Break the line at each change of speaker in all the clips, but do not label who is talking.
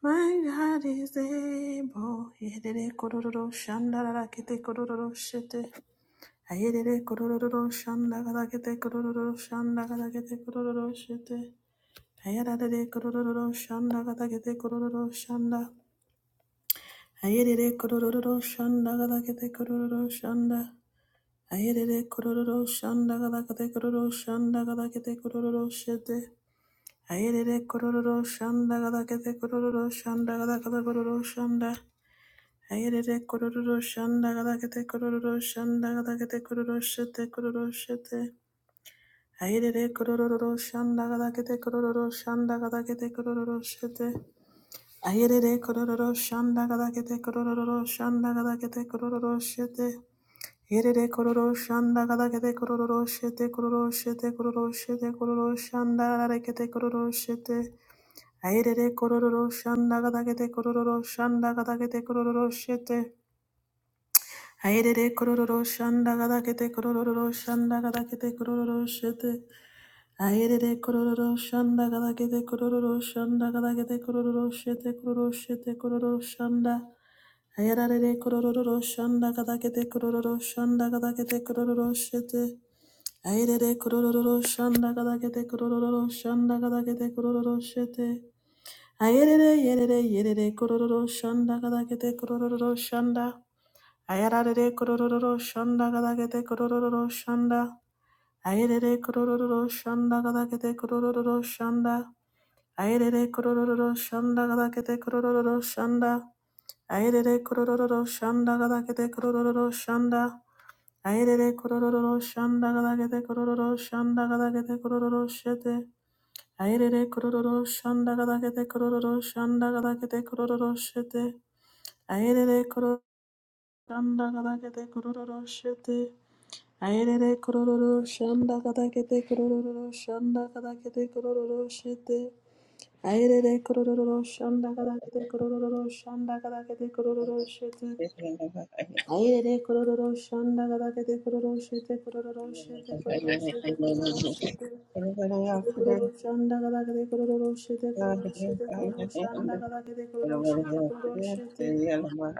My God is able. Yedede kororo shanda la kete kororo shete. Ayedede kororo shanda la kete kororo shanda la kete kororo shete. Ayedede kororo shanda la kete kororo shanda. Ayedede kororo shanda la kete kororo shanda. Ayedede kororo shanda la kete kororo shanda la kete kororo shete. Ayedede kororo shanda la kete kororo shanda la kete kororo shanda. Ayerere kororo shanda gadagete kororo shanda gadagete kororo shete kororo shete. Ayerere kororo shanda gadagete kororo shanda gadagete kororo shete. Ayerere kororo shanda gadagete kororo shanda gadagete kororo shete. Yerere kororo shanda gadagete kororo shete kororo shete kororo shete kororo shanda gadagete kororo shete. Ayerere kororo shanda gadagete kororo shanda gadagete kororo shete. Haerere kororo shanda gada kete kororo shanda gada kete kororo shete. Haerere kororo shanda gada kete kororo shanda gada kete kororo shete kororo shete kororo shanda. Haerere kororo shanda gada kete kororo shanda gada kete kororo shete. Haerere kororo shanda gada kete kororo shanda gada kete kororo shete. Haerere yerere yerere kororo shanda gada kete kororo shanda. Ayararare kororo shanda gadagete kororo shanda. Ayerere kororo shanda gadagete kororo shanda. Ayerere kororo shanda gadagete kororo shanda. Ayerere kororo shanda gadagete kororo shanda. Ayerere kororo shanda gadagete kororo shanda gadagete kororo shete. Ayerere kororo shanda gadagete kororo shanda gadagete kororo shete. Ayerere kororo shanda gadagete kororo shete. Ayerere kororo shanda kadakete kororo shanda kadakete kororo shete. Ayerere kororo shanda kadakete kororo shanda kadakete kororo shete. Ayerere kororo shanda kadakete kororo shete kororo shete kororo shete kororo shete. Ayerere kororo shanda kadakete kororo shete kororo shete kororo shanda kadakete kororo shete kororo shete.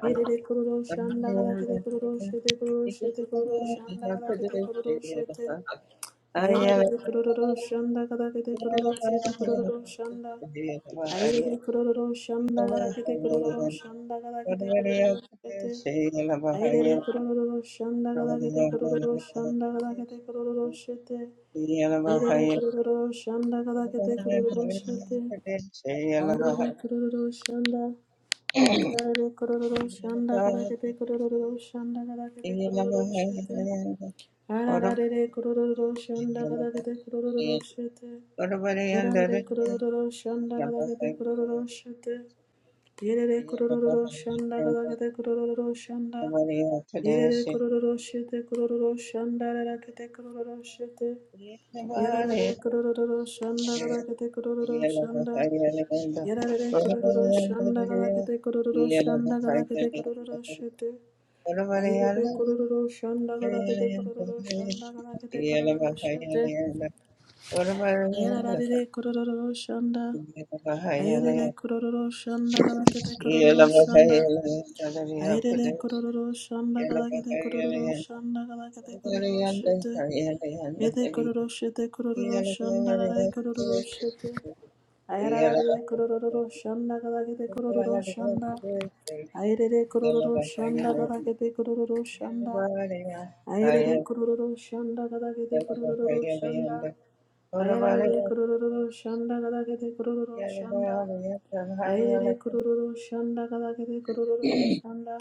Yerere kororo shanda kadakete kororo shete kororo shete kororo shanda kadakete kororo shete. Ayararare kororo shanda kadakete kororo shete kororo shanda. Ayararare kororo shanda kadakete kororo shanda kadakete kororo shete. Ayararare kororo shanda kadakete kororo shanda kadakete kororo shete. Ayararare kororo shanda kadakete kororo shete. Ayararare kororo shanda. Ayararare kororo shanda kadakete kororo shanda kadakete kororo shete. Ayararare kororo shanda kadakete kororo shete. Yarande kurororo shanda kadagade kurororo shete. Yerere kurororo shanda kadagade kurororo shanda. Yerere kurororo shete kurororo shanda rakete kurororo shete. Yarare kurororo shanda kadagade kurororo shanda. Yarare kurororo shanda kadagade kurororo shanda kadagade kurororo shete. Ayere kurororo shanda kadagade kurororo shanda kadagade kurororo shete. Ayararare kororo shanda. Ayarere kororo shanda galakete kororo shanda. Ayarere kororo shanda galakete kororo shanda galakete kororo shete. Yete kororo shete kororo shanda rarare kororo shete. Ayararare kororo shanda galakete kororo shanda. Ayarere kororo shanda galakete kororo shanda. Ayarere kororo shanda galakete kororo shanda. Ayararare kurururu shanda gadagede kurururu shanda. Ayarare kurururu shanda gadagede kurururu shanda.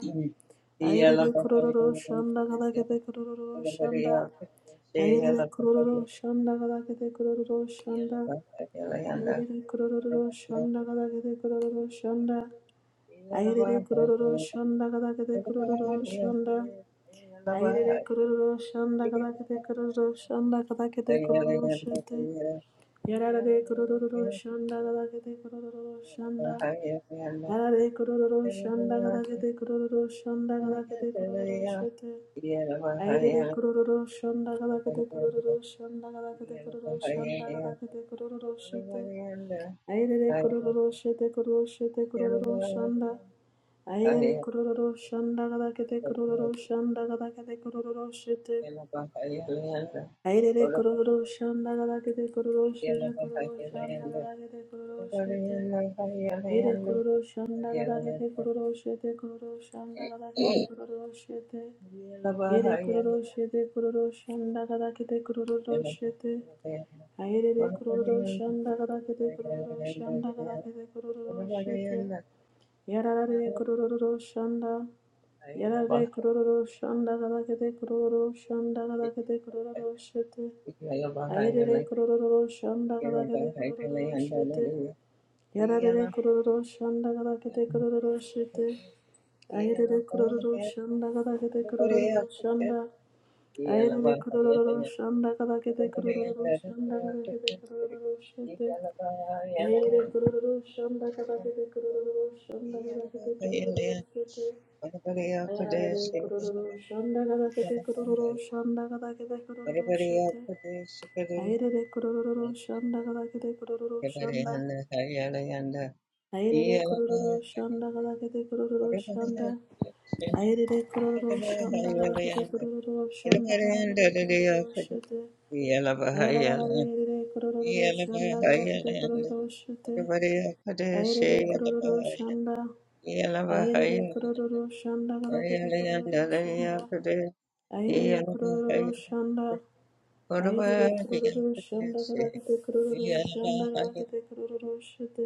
Ayarare kurururu shanda gadagede kurururu shanda. Ayarare kurururu shanda gadagede kurururu shanda. Ayarare kurururu shanda gadagede kurururu shanda. Ayarare kurururu shanda gadagede kurururu shanda. Ayarare kurururu shanda gadagede kurururu shanda gadagede kurururu shanda. Yarare kururu shanda gadagete kururu shanda. Yarare kururu shanda gadagete kururu shanda gadagete kururu shete. Ayerere kururu shanda gadagete kururu shanda gadagete kururu shanda gadagete kururu shete. Ayerere kururu shete kururu shete kururu shanda. Ayerere kururu shanda gadagete kururu shanda gadagete kururu shete. Ayerere kururu shanda gadagete kururu shete kururu shanda gadagete kururu shete. Yere kororo shanda gada gede kororo shete kororo shanda gada gede kororo shete. Yere kororo shete kororo shanda gada gede kororo shete. Ayere de kororo shanda gada gede kororo shanda gada gede kororo shete. Yarara de kororo shanda. Yarara de kororo shanda gada gede kororo shanda gada gede kororo shete. Ayere de kororo shanda gada gede kororo shete. Yarare kororo shanda gada kete kororo shete. Ayerere kororo shanda gada kete kororo shanda. Ayerere kororo shanda gada kete kororo shanda gada kete kororo shete. Ayerere kororo shanda gada kete kororo shanda gada kete kororo shete. Ayerere kororo shanda gada kete kororo shanda gada kete kororo shete. Ayerere kororo shanda gada kete kororo shanda. Ayerere kororo shanda galakete kororo shanda. Ayerere kororo shanda galakete kororo shanda galakete kororo shete. Ayerere kororo shanda galakete kororo shete. Ayerere kororo shanda. Ayerere kororo shanda galakete kororo shanda. Ayerere kororo shanda. Ayerere kororo shanda galakete kororo shanda galakete kororo shete.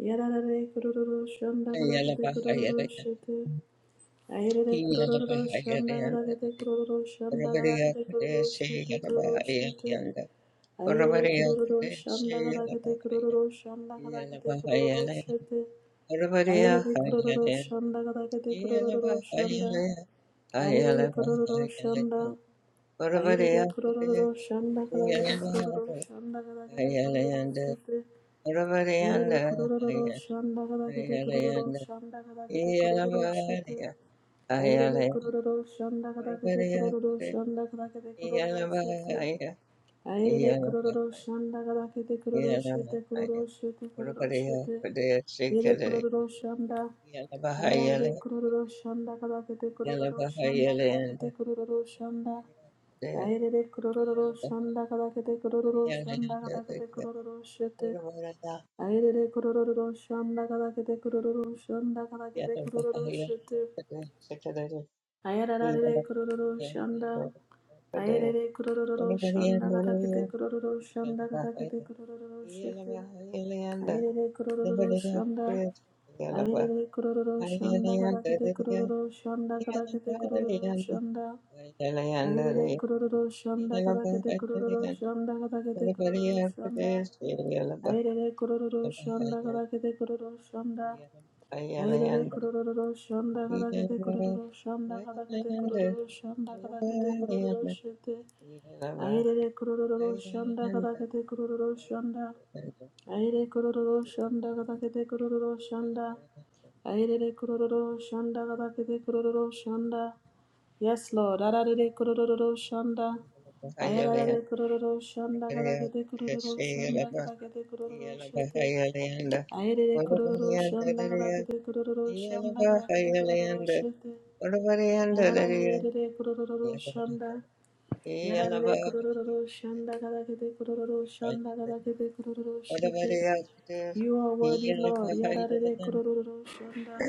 Yarare kururu shanda kada kete kururu shete. Ayere kururu shanda kada kete kururu shanda kada kete kururu shete kururu shete. Ayere kururu shanda kada kete kururu shanda kada kete kururu shete. Ayere kururu shanda kada kete kururu shanda. Ayere kururu shanda. Ayere kururu shanda kada kete kururu shanda kada kete kururu shete. Ororo kororo shanda kada kete kororo shanda kada kete kororo shete. Airere kororo shanda kada kete kororo shanda kada kete kororo shete. Airere kororo shanda kada kete kororo shete kororo shete kororo shete. Yere kororo shanda. Airere kororo shanda kada kete kororo shanda kada kete kororo shanda. Airere kororo shanda kada kete kororo shanda kada kete kororo shete. Ayerere kororo shanda kadakete kororo shanda kadakete kororo shete. Ayararare kororo shanda. Ayerere kororo shanda kadakete kororo shanda kadakete kororo shete. Ayerere kororo shanda. Ayerere kororo shanda kadakete kororo shanda kadakete kororo shanda. Ayerere kururu shonda kadakete kururu shonda kadakete kururu shanda Ayerere kururu shanda kadakete kururu shonda. Ayerere kururu shonda kadakete kururu shonda kadakete kururu shonda kadakete kururu shete. Ayerere kururu shonda kadakete kururu shanda Aire kororo shanda katakete kororo shanda. Aire kororo shanda katakete kororo shanda. Yes, Lord. Arare kororo shanda. Ayarare kororo shanda katakete kororo shanda katakete kororo shete. Aire kororo shanda katakete kororo shanda katakete kororo shete. Yarararerere kurororo shanda. Yararare kurororo shanda kadakete kurororo shanda kadakete kurororo shete. You are worthy, Lord. Yararare kurororo shanda.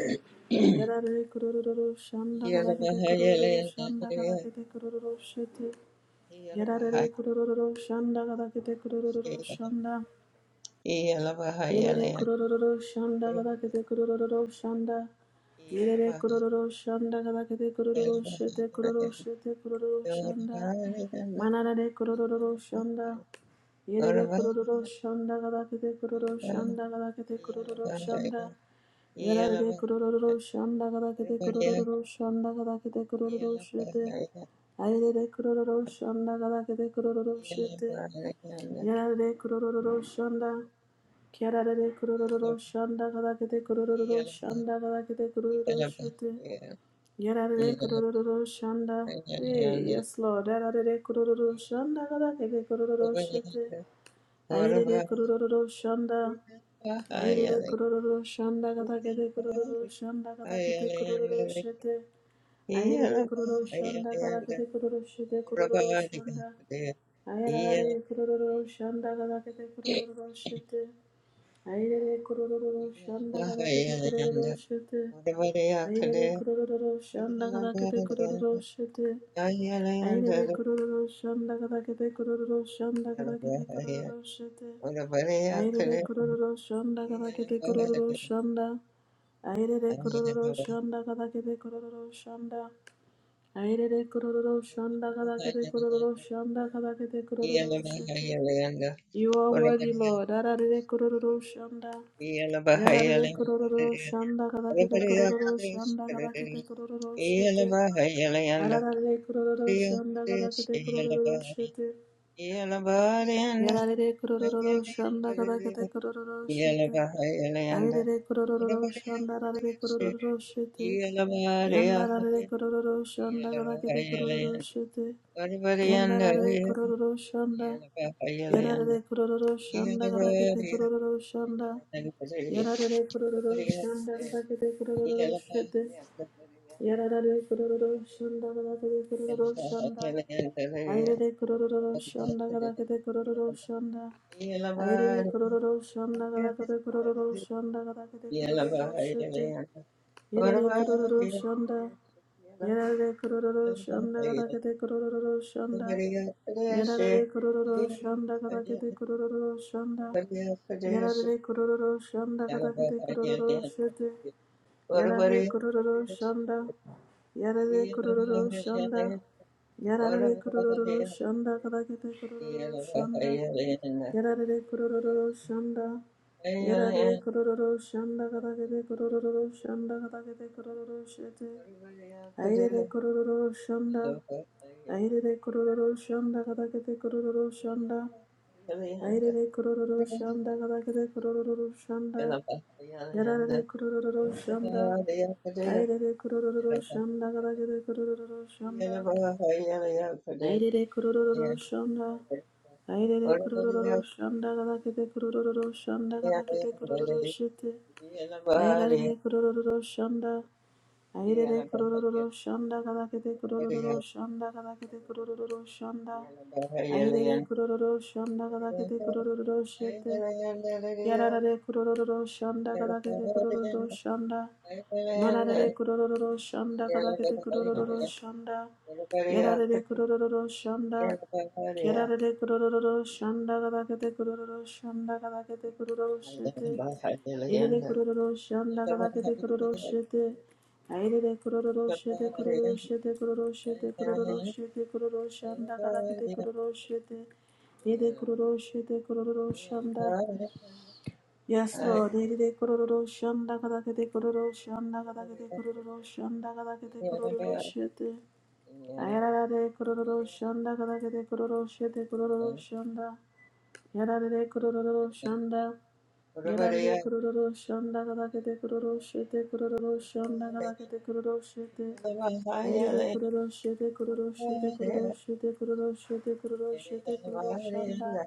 Yararare kurororo shanda kadakete kurororo shanda kadakete kurororo shete. Yararare kurororo shanda kadakete kurororo shanda. Yerere kurororo shanda gadakete kurororo shanda. Yerere kurororo shanda gadakete kurororo shete kurororo shete kurororo shanda. Manarare kurororo shanda. Yerere kurororo shanda gadakete kurororo shanda gadakete kurororo shanda. Yerere kurororo shanda gadakete kurororo shanda gadakete kurororo shete. Ayerere kurororo shanda gadakete kurororo shete. Yerere kurororo shanda. Kiararare kurororo shanda kadakete kurororo shanda kadakete kurororo shete. Yararare kurororo shanda. Hey, yes Lord. Yararare kurororo shanda kadakete kurororo shete. Ayerere kurororo shanda. Ayerere kurororo shanda kadakete kurororo shanda kadakete kurororo shete. Ayerere kurororo shanda kadakete kurororo shete kurororo shanda. Ayerere kurororo shanda kadakete kurororo shete. Airere kororo shanda kada kete kororo shete. Airere kororo shanda kada kete kororo shete. Airere kororo shanda kada kete kororo shanda kada kete kororo shete. Airere kororo shanda kada kete kororo shanda. Airere kororo shanda kada kete kororo shanda. Airere kororo shanda kada kete kororo shanda kada kete kororo shete. You are worthy, Lord. Ararere kororo shanda. Yarare kororo shanda kadakete kororo shanda kadakete kororo shete. Ararare kororo shanda kadakete kororo shete. Yarare kurororo shanda kada kete kurororo shete. Ayerere kurororo shanda rarere kurororo shete. Yanda rarere kurororo shanda kada kete kurororo shete. Yanda rarere kurororo shanda. Yarare kurororo shanda kada kete kurororo shanda. Yarare kurororo shanda kada kete kurororo shete. Yararare kororo shonda gadakete kororo shonda. Airere kororo shonda gadakete kororo shonda. Airere kororo shonda gadakete kororo shonda gadakete kororo shete. Yerere kororo shonda. Yararare kororo shonda gadakete kororo shonda. Yararare kororo shonda gadakete kororo shonda. Yararare kororo shonda gadakete kororo shete. Yarare kororo shanda. Yarare kororo shanda. Yarare kororo shanda. Kadakete kororo shanda. Yarare kororo shanda. Yarare kororo shanda. Kadakete kororo shanda. Kadakete kororo shete. Airere kororo shanda. Airere kororo shanda. Kadakete kororo shanda. Airere kororo shanda kadakade kororo shanda. Yarare kororo shanda. Airere kororo shanda kadakade kororo shanda. Airere kurororo shonda. Airere kurororo shanda, gadakete kurororo shonda gadakete kurororo shete. Airere kurororo shonda. Airere kurororo shonda gadakete kurororo shonda gadakete kurororo shanda, Airere kurororo shonda gadakete kurororo shete. Yararare kurororo shanda kadakete kurororo shanda. Manarare kurororo shanda kadakete kurororo shanda. Yararare kurororo shanda. Kerarare kurororo shanda kadakete kurororo shanda kadakete kurororo shete. Yerere kurororo shanda kadakete kurororo shete. Ayrere kurororo shete kurororo shete kurororo shete kurororo shete kurororo shanda kadakete kurororo shete. Yede kurororo shete kurororo shanda. Yes, Lord. Nidide kororo shanda kadakete kororo shanda kadakete kororo shanda kadakete kororo shete. Ayarade kororo shanda kadakete kororo shete kororo shanda. Yarade kororo shanda. Yarade kororo shanda kadakete kororo shete kororo shanda kadakete kororo shete. Ayarade kororo shete kororo shete kororo shete kororo shete kororo shete kororo shanda.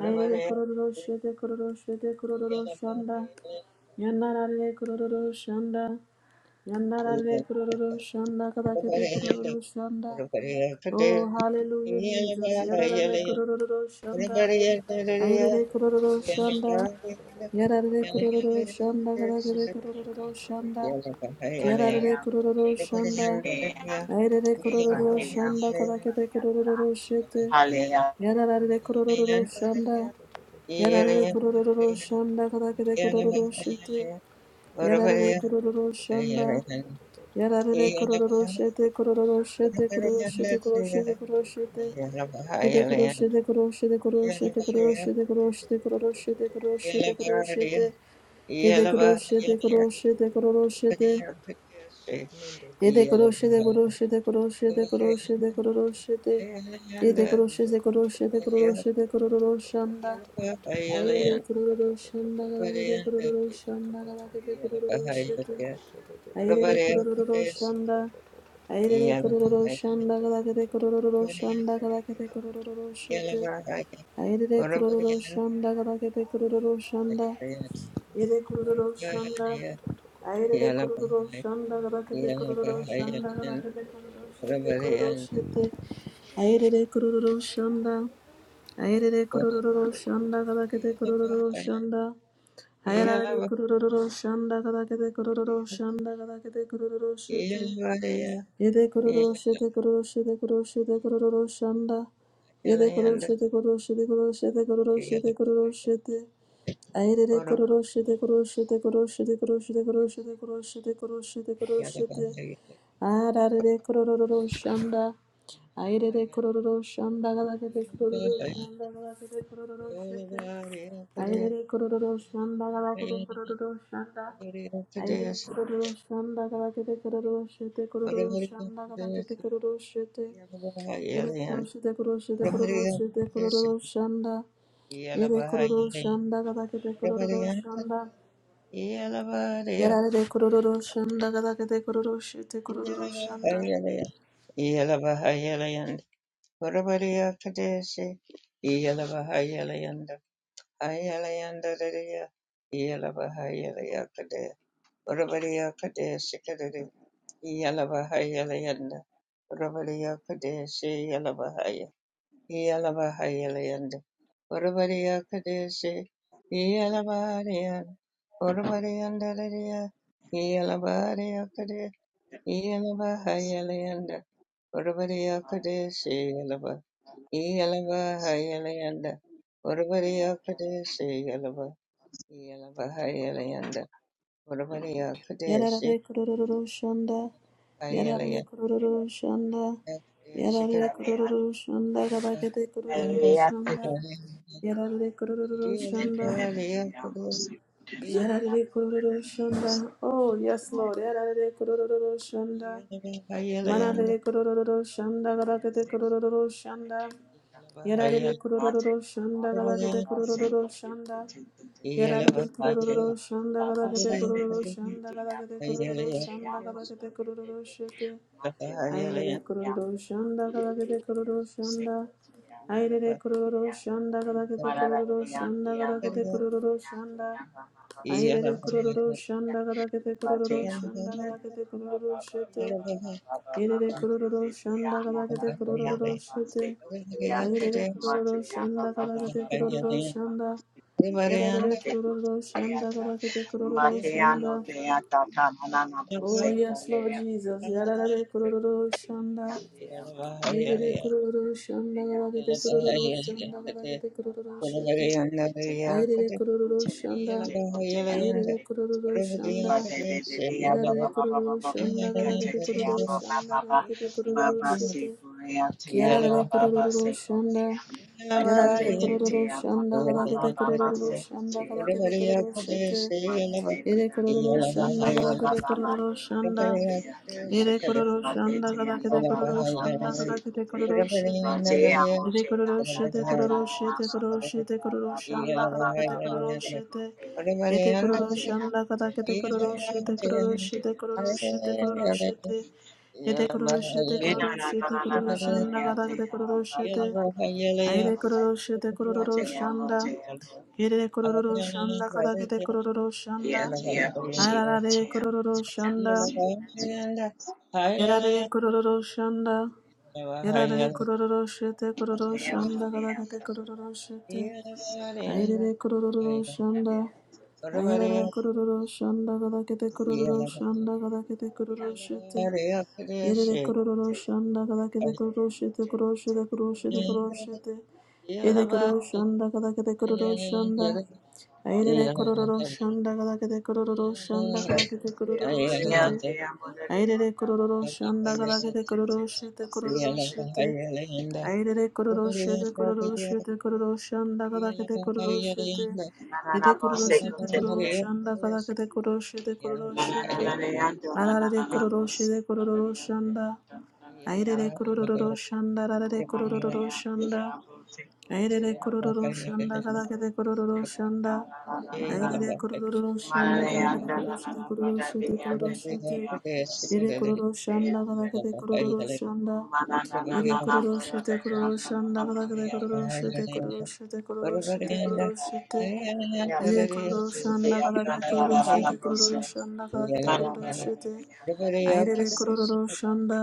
Ayarade kororo shete kororo shete kororo shanda. Yandarare kururu shanda. Yandarare kururu shanda kadakete kururu shanda. Oh, hallelujah, Jesus. Yarare kururu shanda. Ayrere kururu shanda. Yarare kururu shanda kadakete kururu shanda. Yarare kururu shanda. Ayrere kururu shanda kadakete kururu shete.
Hallelujah.
Yarare kururu shanda. Yarare kururu shanda kadakete kururu shete. Yarare kororo shanda. Yarare kororo shete kororo shete kororo shete kororo shete kororo shete. Yete kororo shete kororo shete kororo shete kororo shete kororo shete kororo shete kororo shete kororo shete. Yete kororo shete kororo shete kororo shete. Yete kororo shete kororo shete kororo shete kororo shete kororo shete. Yete kororo shete kororo shete kororo shete kororo shanda. Ayere kororo shanda galakete kororo shanda galakete kororo shete. Ayerere kurururu shanda. Ayerere kurururu shanda kadakete kurururu shanda kadakete kurururu shete. Ayerere kururu shanda gadagede kururu shanda. Yere kururu shanda. Ayerere kururu shanda gadagede kururu shanda gadagede kururu shete kururu shete. Ayerere kururu shanda. aire
One
kururu
hundred
shanda
twenty.
gadagede kururu shanda. Ayerere kururu shanda gadagede kururu shanda gadagede kururu shete. Yede kororo shete kororo shete kororo shete kororo shanda. Yede kororo shete kororo shete kororo shete kororo shete kororo shete. Ayerere kororo shete kororo shete kororo shete kororo galakete kororo galakete kororo shete. Ayerere galakete kororo Ayro kororo shanda kabakete kororo shete kororo shanda kabakete kororo shete. Ere kororo shete kororo shete kororo shete kororo shanda. Ere kororo shanda kabakete kororo shanda. Yarare kororo shanda kabakete kororo shete kororo shanda. Yarare kororo shanda. Yarare kororo shanda. Yarare kororo shanda kabakete kororo shanda. Yarare kororo shanda. Yarare kororo shanda. Oh, yes, Lord. Yarare kororo shanda. Manare
Mate,
kororo shanda. Galakete kororo shanda. Yarare kororo shanda. Galakete kororo shanda. Yarare kororo shanda. Galakete kororo shanda. Galakete kororo shanda. Galakete kororo shete. Aire kororo shanda kadakete kororo shanda. Aire kororo shanda kadakete kororo shanda kadakete kororo shanda. Aire kororo shanda kadakete kororo
Matea,
shanda
Matea,
kadakete kororo
Baba, Baba,
shete.
Baba, Baba,
Aire
Baba,
kororo
Tetea,
shanda
Baba,
kadakete
Tea,
kororo
Baba,
shete.
Secotea,
Aire kororo
Matea,
shanda
Baba, Baba,
kadakete kororo
Baba, Baba,
shanda.
Secotea,
Yarare kororo
Secotea,
shanda kadakete kororo
Matea, no
shanda.
dea, Tata, Manana,
Oh, yes, Lord
Secolea, Secotea,
Jesus. Yarare kururu shanda.
Secotea,
Yarare kururu shanda. Galagete kururu shanda. Galagete kururu shete.
Secotea,
Ayarare kururu
Secotea,
shanda.
Secotea,
Ayarare
Secotea,
kururu shanda. Yarare kururu shanda. Galagete kururu shanda. Galagete kururu shete. Kiarare kururu shanda. Yarare kururu shanda. Galagete kururu shanda. Galagete kururu shete. Ere kororo shanda kada kete kororo shanda. Ere kororo shanda kada kete kororo shanda kada kete kororo shete. Rekororoshete kororoshete kororoshete kororoshanda kadakete kororoshete.
Baba
Ete
yeah,
kororoshanda kadakete kororoshete kororoshete kororoshete kororoshete. Ete kororoshete kororoshete kororoshanda kadakete kororoshete. Aire kororoshete kororoshanda. Ere kororoshanda kadakete kororoshanda. Ararare kororoshanda. Yarare kororo shanda. Yarare kororo shete kororo shanda galagete kororo shete. Ayerere kororo shanda. Ayerere kororo shanda galagete
Thank
kororo shanda galagete kororo shete. Yerere kororo shanda galagete kororo shete kororo shete kororo shete kororo shete. Yere kororo shanda galagete kororo shanda. Ayerere kororo shanda galagete kororo shanda galagete kororo shete. Airere kororo shanda galagede kororo shete kororo shete. Airere kororo shete kororo shete kororo shanda galagede kororo shete. Ede kororo shete kororo shanda galagede kororo shete kororo shete. Ararere kororo shete kororo shanda. Airere
you.
kororo
Yes,
shanda ararere kororo shanda. Airere kururu shanda kada kete kururu shanda. Airere kururu shanda kada kete kururu shete kururu shete kururu shete. Ede kururu shanda kada kete kururu shanda. Ede kururu shete kururu shanda kada kete kururu shete kururu shete kururu shete kururu shete. Angere kororo shanda kada kete kororo shete kororo shanda kada kete kororo shete. Ayerere kororo shanda.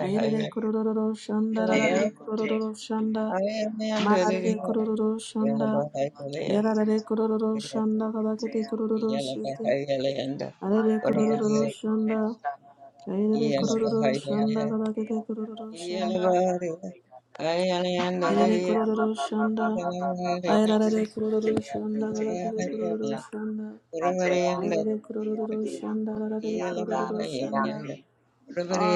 Ayerere kororo shanda
Today
rarare
I'm gonna take
kororo
on to the
shanda.
Lord and the say
Mararare
Lord I
kororo
am
shanda.
I'll take on to
Yararare
the Lord
kororo
and the
shanda
say
kada
Lord
kete kororo
and the
shete.
say
Arare
Maria
kororo
and
shanda.
ta na na na na na
Ayerere
go say
kororo
go to
shanda
Lord
kada
and the
kete
answer na
kororo
ta ta ta
shanda.
ta go they ta
Erere
Maria ba
kororo
ba ba ba
shanda.
ba ba ba ba ba
Ayararare
say go to
kororo
the Lord to
shanda.
the
Galatare
to the
kororo
ta
shanda.
Mante a lo lo
Ayarere
lo the
kororo
answer
shanda.
go
Ararare kororo shanda.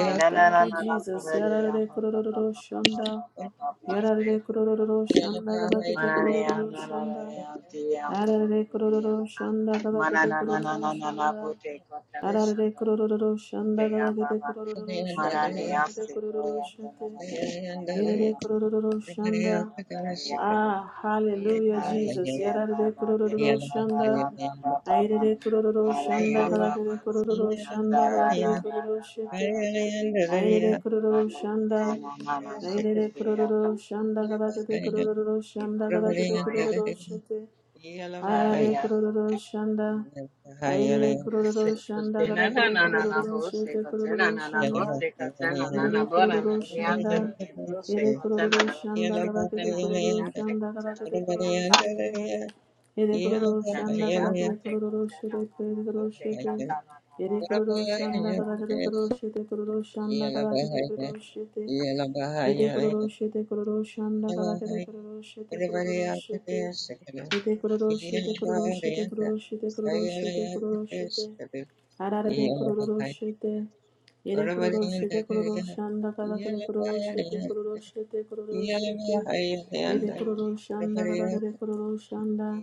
me na na
thank
na
you,
na na
Jesus.
parare ya
Yararare
ba ba ba ba
kororo
ba ba
shanda.
ba ba ba ba
Yararare
seko ya.
kororo shanda. Galatare
Manare ya
kororo
na na na
shanda.
ya ti ya
Ararare
bururu de ya.
kororo shanda.
Mana
Galatare
na na na
kororo shanda. Ararare kororo shanda. Galatare kororo shanda. Galatare kororo shete. Yerere kororo shanda. Ah, hallelujah, Jesus. Yerere kororo shanda. Ayerere kororo shanda. Kalakere kororo shanda. Kalakere kororo shete. Ayerere kororo
Thank
shanda. Ayerere kororo shanda. Kalakere kororo shanda. Kalakere kororo shete. Ayerere kororo shanda. Ayerere kororo shanda. Kalakere kororo shete kororo shanda. Erere kororo shanda, ere kororo shanda kabakete kororo shanda kabakete kororo shete, ere kororo shanda kabakete kororo shete kororo shete, ere kororo shanda kabakete kororo shete kororo shanda kabakete kororo shete, ere kororo shete kororo shanda kabakete kororo shete kororo
you.
shete, ere kororo shete kororo shete kororo shete kororo shete kororo shete, Ararare kororo shete. Yere kororo shete kororo shanda kadakade kororo shete kororo shete kororo shete. Yere kororo shanda kadakade kororo shanda.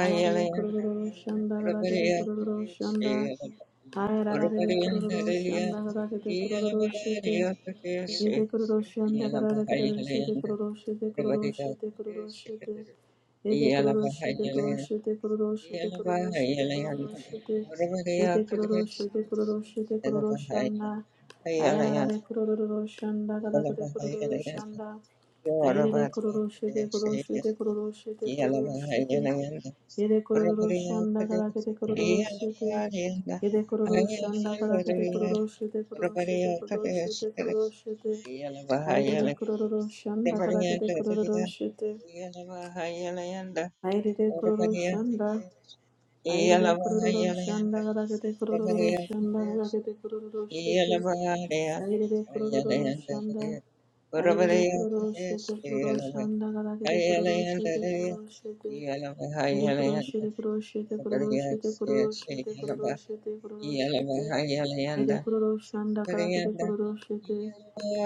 Ararare kororo shanda kadakade kororo shanda. Hayararare kororo shanda kadakade kororo shete. Yete kuroshanda karara karara shete kuroshete kuroshete kuroshete. Yete kuroshete kuroshete kuroshete kuroshete kuroshete. Yete kuroshete kuroshete kuroshanda. Ayararare kuroshanda karakare kuroshanda. Ayirere kuroshete kuroshete kuroshete kuroshete. Yete kuroshanda karakare kuroshete. Yede kororo shanda kada kete kororo shete kororo Airere kururu shanda kadakete kururu shete. Airere kururu shanda. Airere kururu shanda kadakete kururu shanda kadakete kururu shete. Airere kururu shanda. Airere kururu shete kururu shanda kadakete kururu shete kururu shete. Airere kururu shete kururu shete kururu shete kururu shete kururu shete kururu shete. Ede kororo shanda kalakete kororo shete.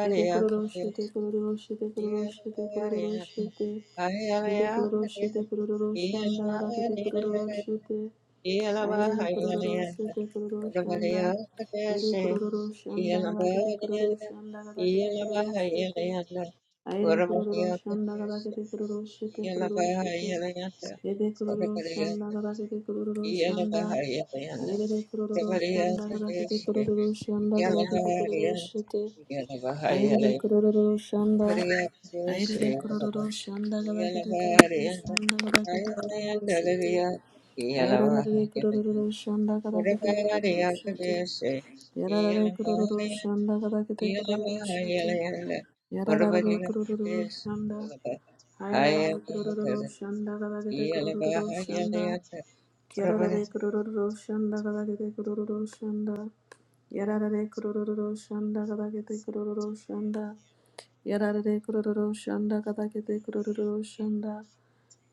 Ede kororo shete kororo shete kororo shete kororo shete. Ede kororo shete kororo shanda kalakete kororo shete. Aire kororo shete kororo shanda. Ede kororo shanda kalakete kororo shanda kalakete kororo shete. Aire kururu shanda gabakete kururu shite kururu shite. Ede kururu shanda gabakete kururu shanda. Aire de kururu shanda gabakete kururu shanda gabakete kururu shite. Aire de kururu shanda. Aire de kururu shanda gabakete kururu shanda gabakete kururu shite. Aire de kururu shanda gabakete kururu shite. Yarare kururu shanda gabakete kururu shite. Yararare kurururu shanda. Ayararare kurururu shanda kadakete kurururu shanda. Yararare kurururu shanda kadakete kurururu shanda. Yararare kurururu shanda kadakete kurururu shanda. Yararare kurururu shanda kadakete kurururu shanda.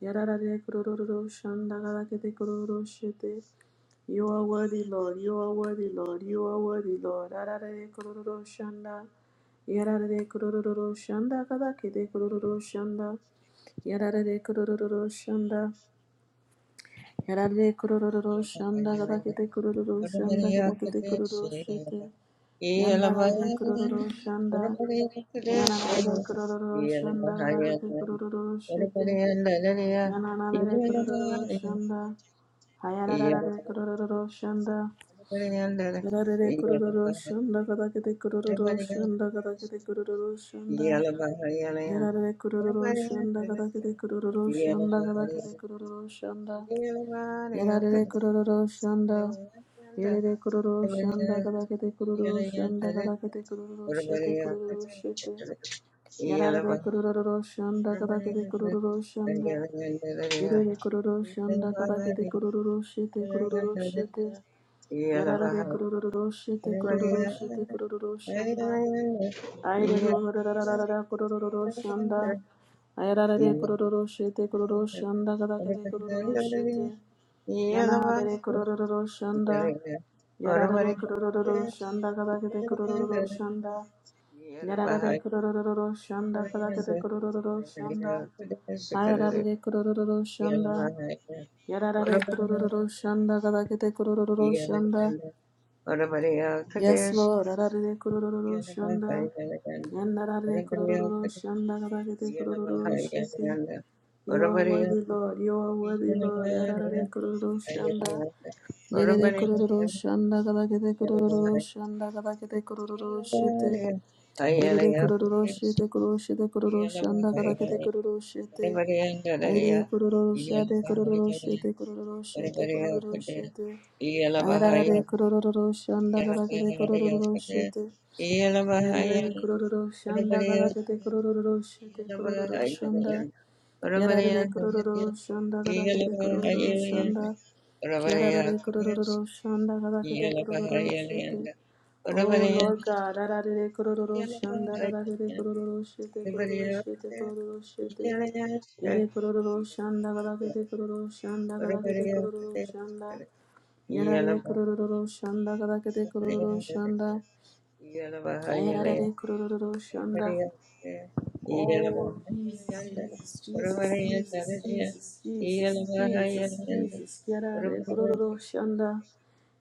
Yararare kurururu shanda kadakete kurururu shete. You are worthy, Lord. You are worthy, Lord. You are worthy, Lord. Ararare kurururu shanda. Yarare kororo shanda kadakede kororo shanda. Yarare kororo shanda. Yarare kororo shanda kadakede kororo shanda kadakede kororo shete. Yanarare kororo shanda. Yanarare kororo shanda kadakede kororo shete. Yanarare kororo shanda. Hayarare kororo shanda. Yararere kororo shanda kadakete kororo shanda kadakete kororo shanda. Yararere kororo shanda kadakete kororo shanda kadakete kororo shanda. Yararere kororo shanda. Yararere kororo shanda kadakete kororo shanda kadakete kororo shete kororo shete. Yararere kororo shanda kadakete kororo shanda. Yararere kororo shanda kadakete kororo shete kororo shete. Yararare kurururu shete kurururu shete kurururu shanda. Ayere kururarararara kurururu shanda. Ayararare kurururu shete kurururu shanda kadakade kurururu shete. Yanarare kurururu shanda. Yararare kurururu shanda kadakade kurururu shanda. Yararare kurururu shanda kadakade kurururu shanda. Ayararare kurururu shanda. Yararare kurururu shanda kadakade kurururu shanda. Yes, Lord. Ararere kurururu shanda. Yandarare kurururu shanda gadagede kurururu shete. You are worthy, Lord. You are worthy, Lord. Yararare kurururu shanda. Yerere kurururu shanda gadagede kurururu shanda gadagede kurururu shete. Yerere kurururu shete kururu shete kururu shanda gadagede kururu shete. Ayrede kororo şade kororo şete kororo şete kororo şete. Ayrarare kororo şanda kadakede kororo şete. Yarare kororo shanda gadakete kororo shete kororo shanda. Yarare kororo shanda gadakete kororo shanda. Yarare kororo shanda gadakete kororo shete. Oh Lord God, yarare kororo shanda gadakete kororo shete kororo shete kororo shete. Yere kororo shanda gadakete kororo shanda gadakete kororo shanda. Yarare kororo shanda gadakete kororo shanda. Ayararare kurororo shonda. Oh, Jesus, Jesus, Jesus, Jesus, Jesus, Jesus, Jesus, Jesus. Yarare kurororo shonda.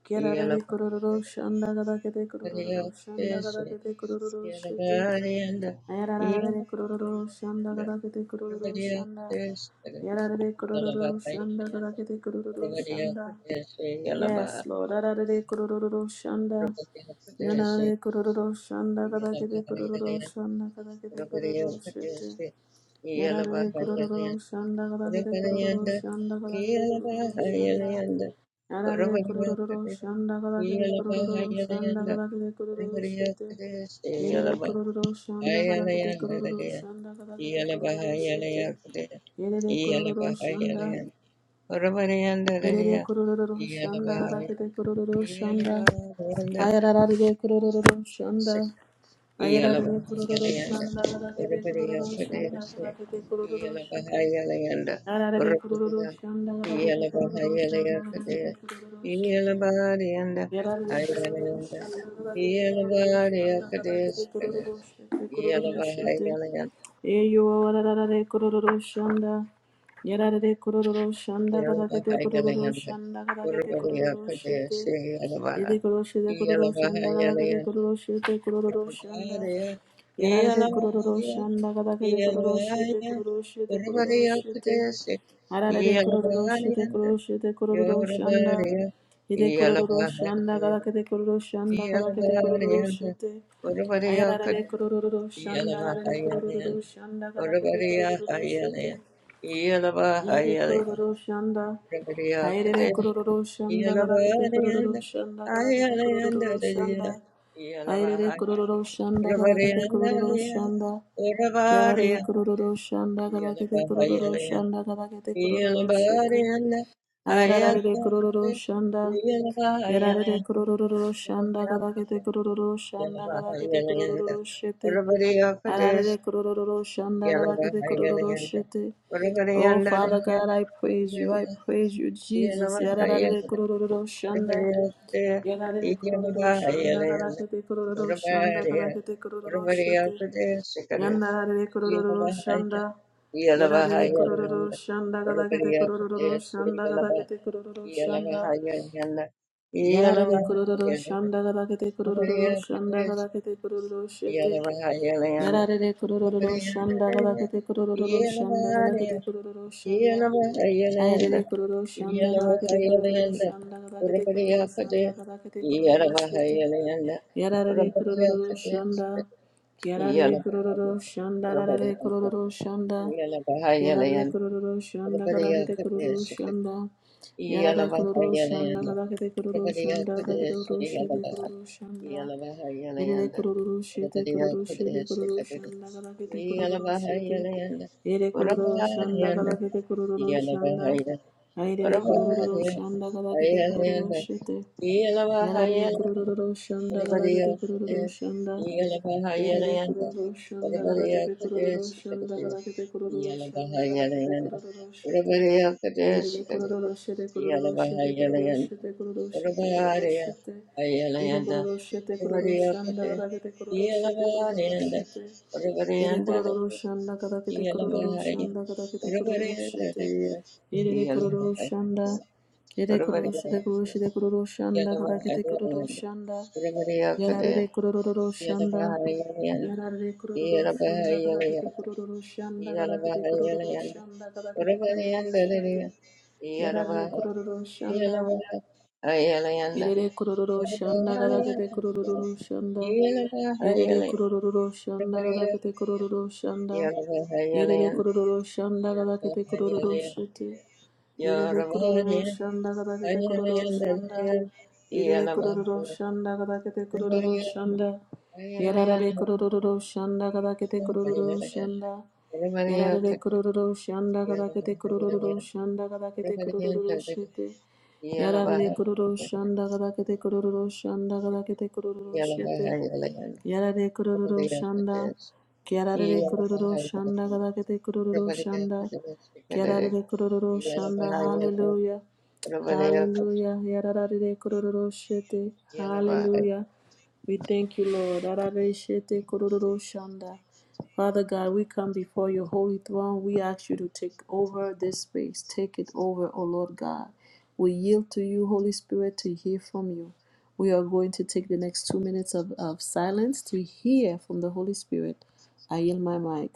Yarare kurororo shonda. Gada kete kurororo shonda. Gada kete kurororo shete. Ayararare kurororo shonda. Gada kete kurororo shonda. Yarare kurororo shonda. Gada kete kurororo shonda. Yes, Lord. Ararere kurururu shanda. Yanare kurururu shanda kadakete kurururu shanda kadakete kurururu shete. Yarare kurururu shanda kadakete kurururu shanda kadakete kurururu shanda. Yarare kurururu shanda kadakete kurururu shanda kadakete kurururu shete. Yerere kurururu shanda kadakete kurururu shanda kadakete kurururu shete. Yerere kurururu shanda. Yerere kororo shanda rakete kororo shanda ayararare kororo shanda ayararare kororo shanda rakete kororo shanda rakete kororo shete ararare kororo shanda rakete kororo shanda rakete kororo shete Yarare kororo shanda kadakete kororo shanda kadakete kororo shete. Yede koroshete kororo shanda kadakete kororo shete kororo shanda. Yarare kororo shanda kadakete kororo shete kororo shete kororo shete. Arare kororo shete kororo shete kororo shanda. Hide kororo shanda gada kete kororo shanda gada kete kororo shete. Ayarara de kororo shanda gada de kororo shanda gada kete kororo shete. Hide kororo shanda. Hayre de kororo shanda gada kete kororo shanda gada kete kororo shanda. Hayre de kororo shanda gada kete kororo shanda. Yarare kororo shanda gada kete kororo shanda gada kete kororo shete. Ayararare kurururu shanda. Yararare kurururu shanda kadakete kurururu shanda kadakete kurururu shete. Ararare kurururu shanda kadakete kurururu shete. Oh Father God, I praise you. I praise you, Jesus. Yararare kurururu shanda. Yararare kurururu shanda kadakete kurururu shanda kadakete kurururu shete. Yandarare kororo shanda. Yarare kororo shanda gadakete kororo shanda gadakete kororo shanda. Yarare kororo shanda gadakete kororo shanda gadakete kororo shete. Yarare kororo shanda gadakete kororo shanda gadakete kororo shanda. Ayere kororo shanda gadakete kororo shanda gadakete kororo shanda gadakete kororo shete. Yarare kururu shanda. Yarare kururu shanda. Yarare kururu shanda. Yarare kururu shanda. Kadakete kururu shanda. Yarare kururu shanda. Kadakete kururu shanda. Kadakete kururu shanda. Kadakete kururu shanda. Yere kororo shete kororo shete kororo shanda kala kete kororo shete. Yere kororo shanda kala kete kororo shanda. Ayere kororo shanda kala kete kororo shete. Yarare kororo shanda kala kete kororo shanda. Yere kororo shanda kala kete kororo shanda kala kete kororo shanda kala kete kororo shete. Irere kororo shete kororo shete kororo shete kororo shete kororo shete. kororo shete kororo shanda kadakete kororo shete kororo shete. kororo shanda kadakete kororo shanda kadakete kororo shete. Ire kororo shanda. Ire kororo shete kororo shete kororo shanda kadakete kororo Yarare kurururu shanda. Yarare kurururu shanda galakete kurururu shanda galakete kurururu shanda galakete kurururu shete. Yarare kurururu shanda. Yerere kurururu shanda galakete kurururu shanda. Yerere kurururu shanda galakete kurururu shanda. Yerere kurururu shanda galakete kurururu shete. Yerere kururu shanda gadagete kururu shanda. Yerere kururu shanda gadagete kururu shanda. Yararare kururu shanda gadagete kururu shanda. Yararare kururu shanda gadagete kururu shanda gadagete kururu shite. Yararare kururu shanda gadagete kururu shanda gadagete kururu shite. Yarare kururu shanda. Kiarare kururu shanda gadagete kururu shanda. Yararere kororo shanda. Hallelujah. Hallelujah. Yararere kororo shete. Hallelujah. We thank you, Lord. Yararere shete kororo shanda. Father God, we come before your holy throne. We ask you to take over this space. Take it over, O Lord God. We yield to you, Holy Spirit, to hear from you. We are going to take the next two minutes of, of silence to hear from the Holy Spirit. I yield my mic.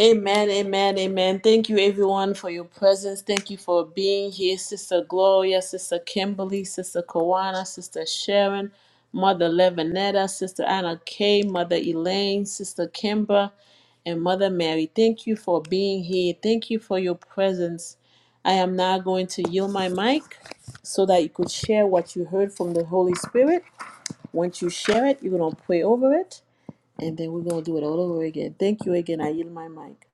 Amen, amen, amen. Thank you, everyone, for your presence. Thank you for being here, Sister Gloria, Sister Kimberly, Sister Kawana, Sister Sharon, Mother Levinetta, Sister Anna Kay, Mother Elaine, Sister Kimber, and Mother Mary. Thank you for being here. Thank you for your presence. I am now going to yield my mic so that you could share what you heard from the Holy Spirit. Once you share it, you're going to pray over it, and then we're going to do it all over again. Thank you again. I yield my mic.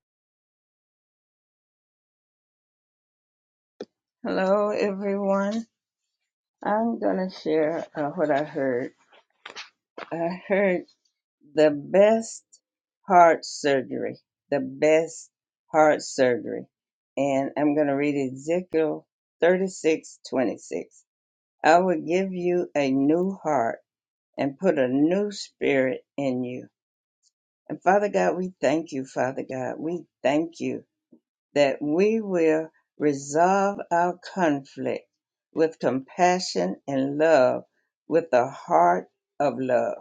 I'm going to read Ezekiel 36 26. I will give you a new heart and put a new spirit in you. And Father God, we thank you, Father God. We thank you that we will resolve our conflict with compassion and love, with a heart of love.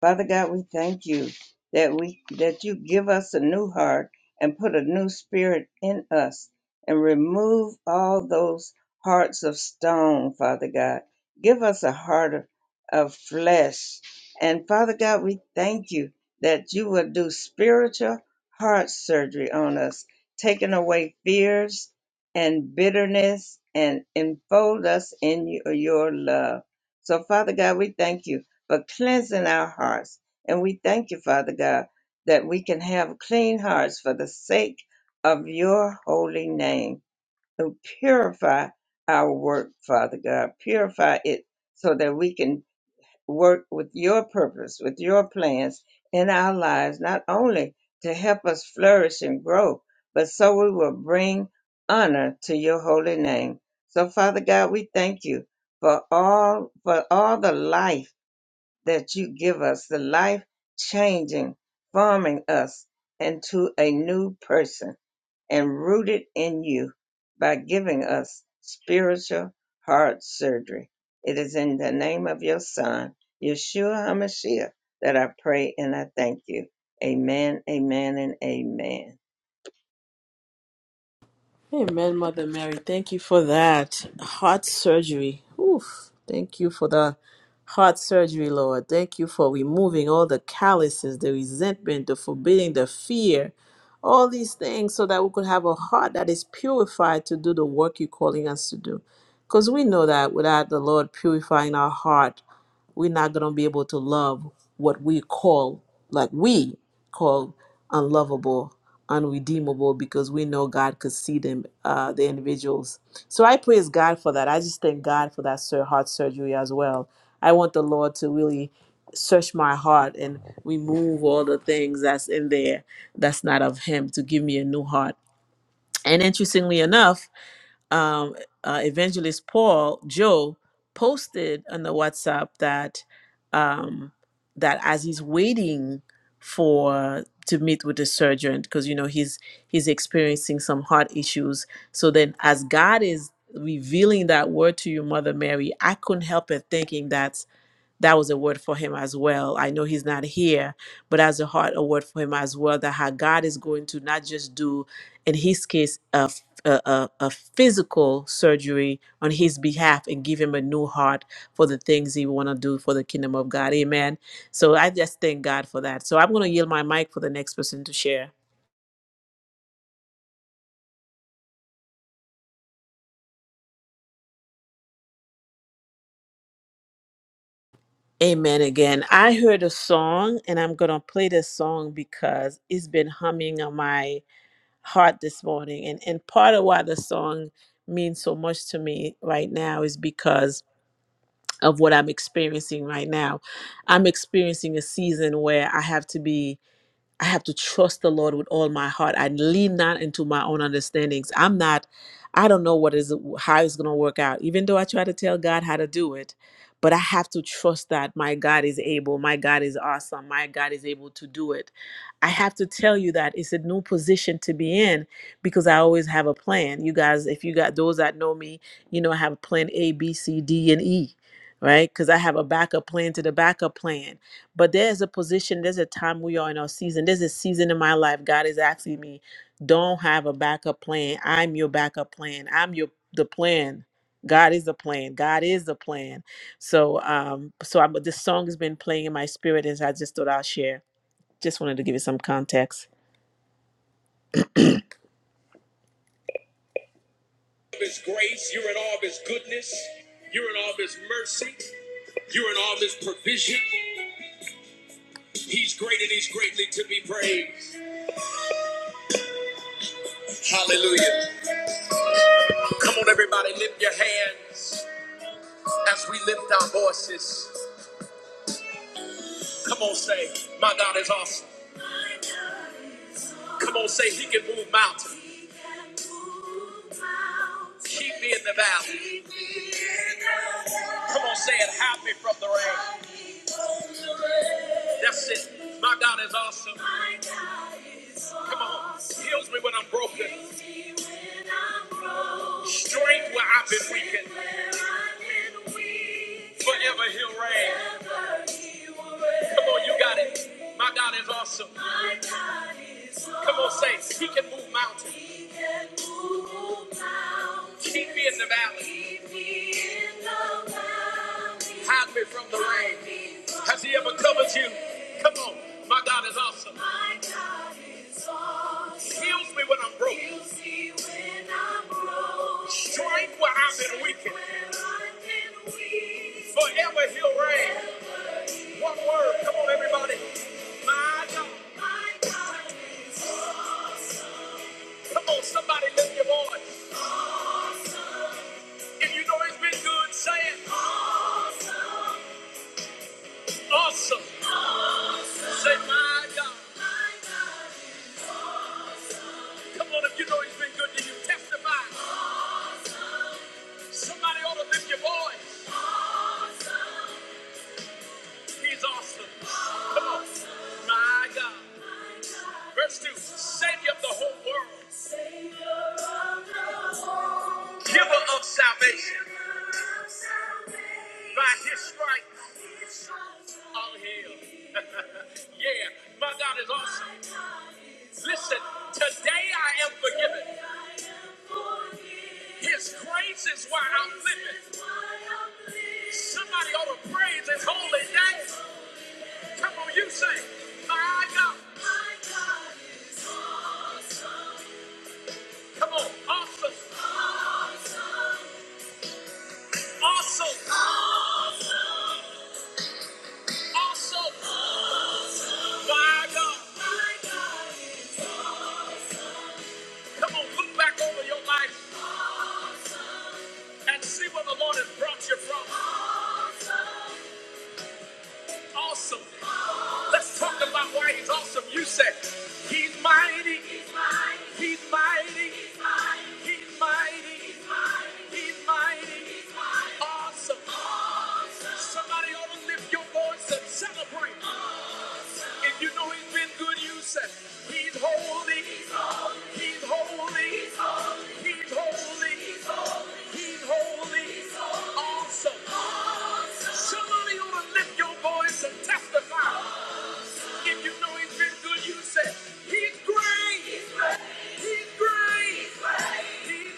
Father God, we thank you that we that you give us a new heart and put a new spirit in us and remove all those hearts of stone, Father God. Give us a heart of, of flesh. And Father God, we thank you that you will do spiritual heart surgery on us, taking away fears and bitterness and enfold us in your your love. So, Father God, we thank you but cleansing our hearts. And we thank you, Father God, that we can have clean hearts for the sake of your holy name. And purify our work, Father God. Purify it so that we can work with your purpose, with your plans in our lives, not only to help us flourish and grow, but so we will bring honor to your holy name. So, Father God, we thank you for all for all the life that you give us the life changing, forming us into a new person and rooted in you by giving us spiritual heart surgery. It is in the name of your son, Yeshua HaMashiach, that I pray and I thank you. Amen, amen, and amen.
Amen, Mother Mary. Thank you for that. Heart surgery. Oof. Thank you for the heart surgery, Lord. Thank you for removing all the calluses, the resentment, the forbidding, the fear, all these things so that we could have a heart that is purified to do the work you're calling us to do. Because we know that without the Lord purifying our heart, we're not going to be able to love what we call, like we call, unlovable, unredeemable, because we know God could see them, uh, the individuals. So I praise God for that. I just thank God for that sur- heart surgery as well. I want the Lord to really search my heart and remove all the things that's in there that's not of Him to give me a new heart. And interestingly enough, um, uh, evangelist Paul Joe posted on the WhatsApp that um, that as he's waiting for to meet with the surgeon because you know he's he's experiencing some heart issues. So then, as God is revealing that word to you, Mother Mary, I couldn't help but thinking that that was a word for him as well. I know he's not here, but as a heart, a word for him as well that how God is going to not just do, in his case, a, f- a, a- a physical surgery on his behalf and give him a new heart for the things he want to do for the kingdom of God. Amen. So I just thank God for that. So I'm going to yield my mic for the next person to share. Amen again. I heard a song and I'm going to play this song because it's been humming on my heart this morning. And and part of why the song means so much to me right now is because of what I'm experiencing right now. I'm experiencing a season where I have to be I have to trust the Lord with all my heart. I lean not into my own understandings. I'm not, I don't know what is how it's gonna work out. Even though I try to tell God how to do it, but I have to trust that my God is able, my God is awesome, my God is able to do it. I have to tell you that it's a new position to be in because I always have a plan. You guys, if you got those that know me, you know I have plan A, B, C, D, and E, right? Because I have a backup plan to the backup plan but there's a position there's a time we are in our season there's a season in my life god is asking me don't have a backup plan i'm your backup plan i'm your the plan god is the plan god is the plan so um so i'm this song has been playing in my spirit as i just thought i'll share just wanted to give you some context of his grace you're in all of his goodness you're in all of his mercy you're in all of his provision he's great and he's greatly to be praised hallelujah Come on, everybody, lift your hands as we lift our voices. Come on, say, My God is awesome. Come on, say, He can move mountains. Keep me in the valley. Come on, say it. Hide me from the rain. That's it. My God is awesome. Come on. awesome. Heals me when I'm broken. Heals when i Strength where I've been weakened. Forever he'll reign. Come on, you got it. My God is awesome. Come on, say, awesome. he can move mountains. Keep me in the valley. Hide me from the rain. Has he ever covered you? Come on. My God is awesome. awesome. Heals me when I'm broke. Strength where I've been weakened. weak. Forever he'll reign. One word. Come on, everybody. My God. My God is awesome. Come on, somebody lift your voice. If you know he's been good, say it. Awesome. Say, my God. Come on, if you know he's been good, then you testify. Somebody ought to lift your voice. He's awesome. Come on. My God. Verse 2. Savior of the whole world. Giver of salvation. By his stripes, i healed. yeah, my God is awesome. Listen, today I am forgiven. His grace is why I'm living. Somebody ought to praise his holy name. Come on, you say, My God. Come on, awesome, awesome, awesome. My God. Come on, look back over your life and see where the Lord has brought you from. Awesome. Let's talk about why he's awesome. You say, He's mighty, he's mighty, he's mighty, he's mighty, awesome. Somebody ought to lift your voice and celebrate. If you know he's been good, you say, He's holy, he's holy, he's holy, he's holy, he's holy, awesome. Somebody ought to lift your voice and testify. If you know he's been good, you say, He's great, he's great, he's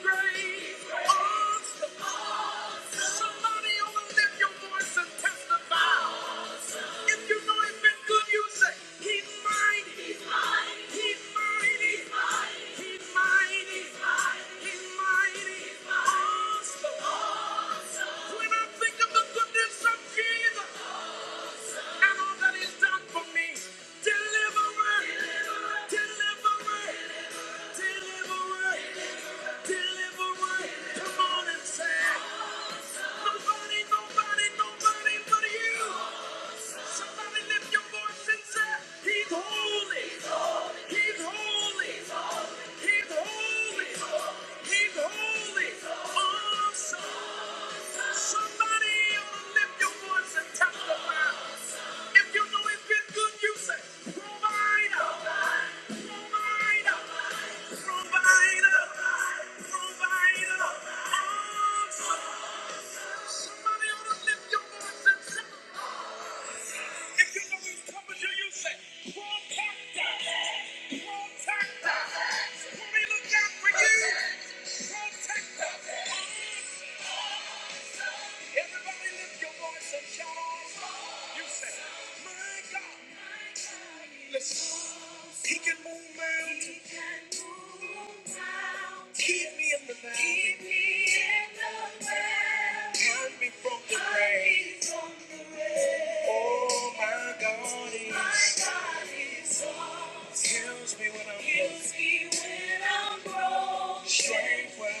great, he's great, awesome. Somebody ought to lift your voice and testify. If you know he's been good, you say, He's mighty. He's mighty. He's mighty. He's mighty. He's mighty. He's mighty. Awesome. When I think of the goodness of Jesus and all that he's done for me, deliverer, deliverer, deliverer. He's holy, He's holy, He's holy, awesome. Somebody ought to lift your voice and testify. If you know it's been good, you say, Provider, provider, provider, provider. Oh, somebody ought to lift your voice and testify. If you know he's coming to you, you say, Protector, protector. Somebody look out for you, protector. Everybody lift your voice and shout out. You say, My God. Listen. He can move mountains. He can move mountains. Keep me in the valley. Keep me Turn me from the Turn rain. me from the rain. Oh, my God is. My God is awesome. Heals me when I'm Heals broken. me when I'm Strength where i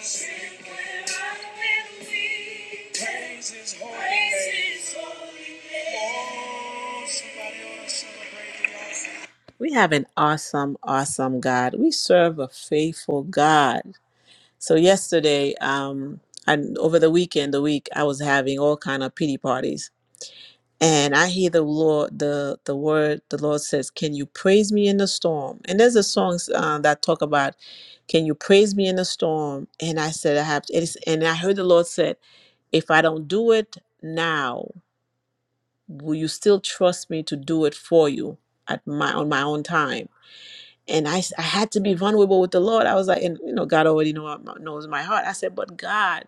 weak. Praise His holy Praise name. Oh, somebody ought to celebrate the Lord. We have an awesome, awesome God. We serve a faithful God. So yesterday, um, and over the weekend, the week I was having all kind of pity parties, and I hear the Lord, the the word, the Lord says, "Can you praise me in the storm?" And there's a song uh, that talk about, "Can you praise me in the storm?" And I said, "I have," it's, and I heard the Lord said, "If I don't do it now, will you still trust me to do it for you at my on my own time?" and I, s- I had to be vulnerable with the Lord. I was like, and you know, God already know, uh, knows my heart. I said, but God,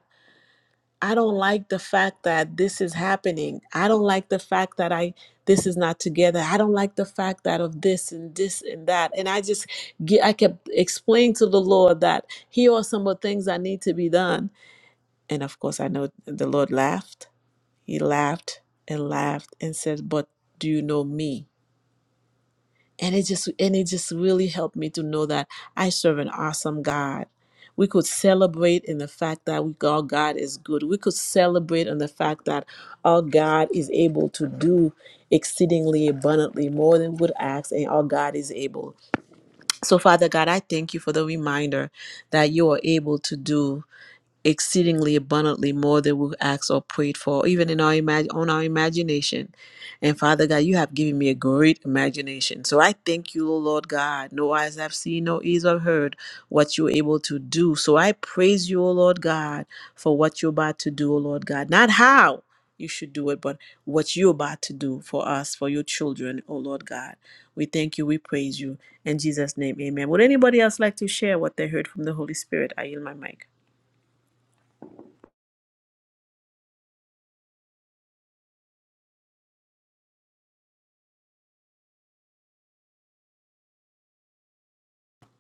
I don't like the fact that this is happening. I don't like the fact that I this is not together. I don't like the fact that of this and this and that. And I just get, I kept explaining to the Lord that here are some of the things that need to be done. And of course, I know the Lord laughed. He laughed and laughed and said, "But do you know me?" and it just and it just really helped me to know that I serve an awesome God. We could celebrate in the fact that we our God is good. We could celebrate in the fact that our God is able to do exceedingly abundantly more than we would ask, and our God is able. So, Father God, I thank you for the reminder that you are able to do exceedingly abundantly more than we asked or prayed for, even in our imag- on our imagination. And Father God, you have given me a great imagination. So I thank you, O Lord God. No eyes have seen, no ears have heard what you're able to do. So I praise you, O Lord God, for what you're about to do, O Lord God. Not how you should do it, but what you're about to do for us, for your children, O Lord God. We thank you, we praise you. In Jesus' name, amen. Would anybody else like to share what they heard from the Holy Spirit? I yield my mic.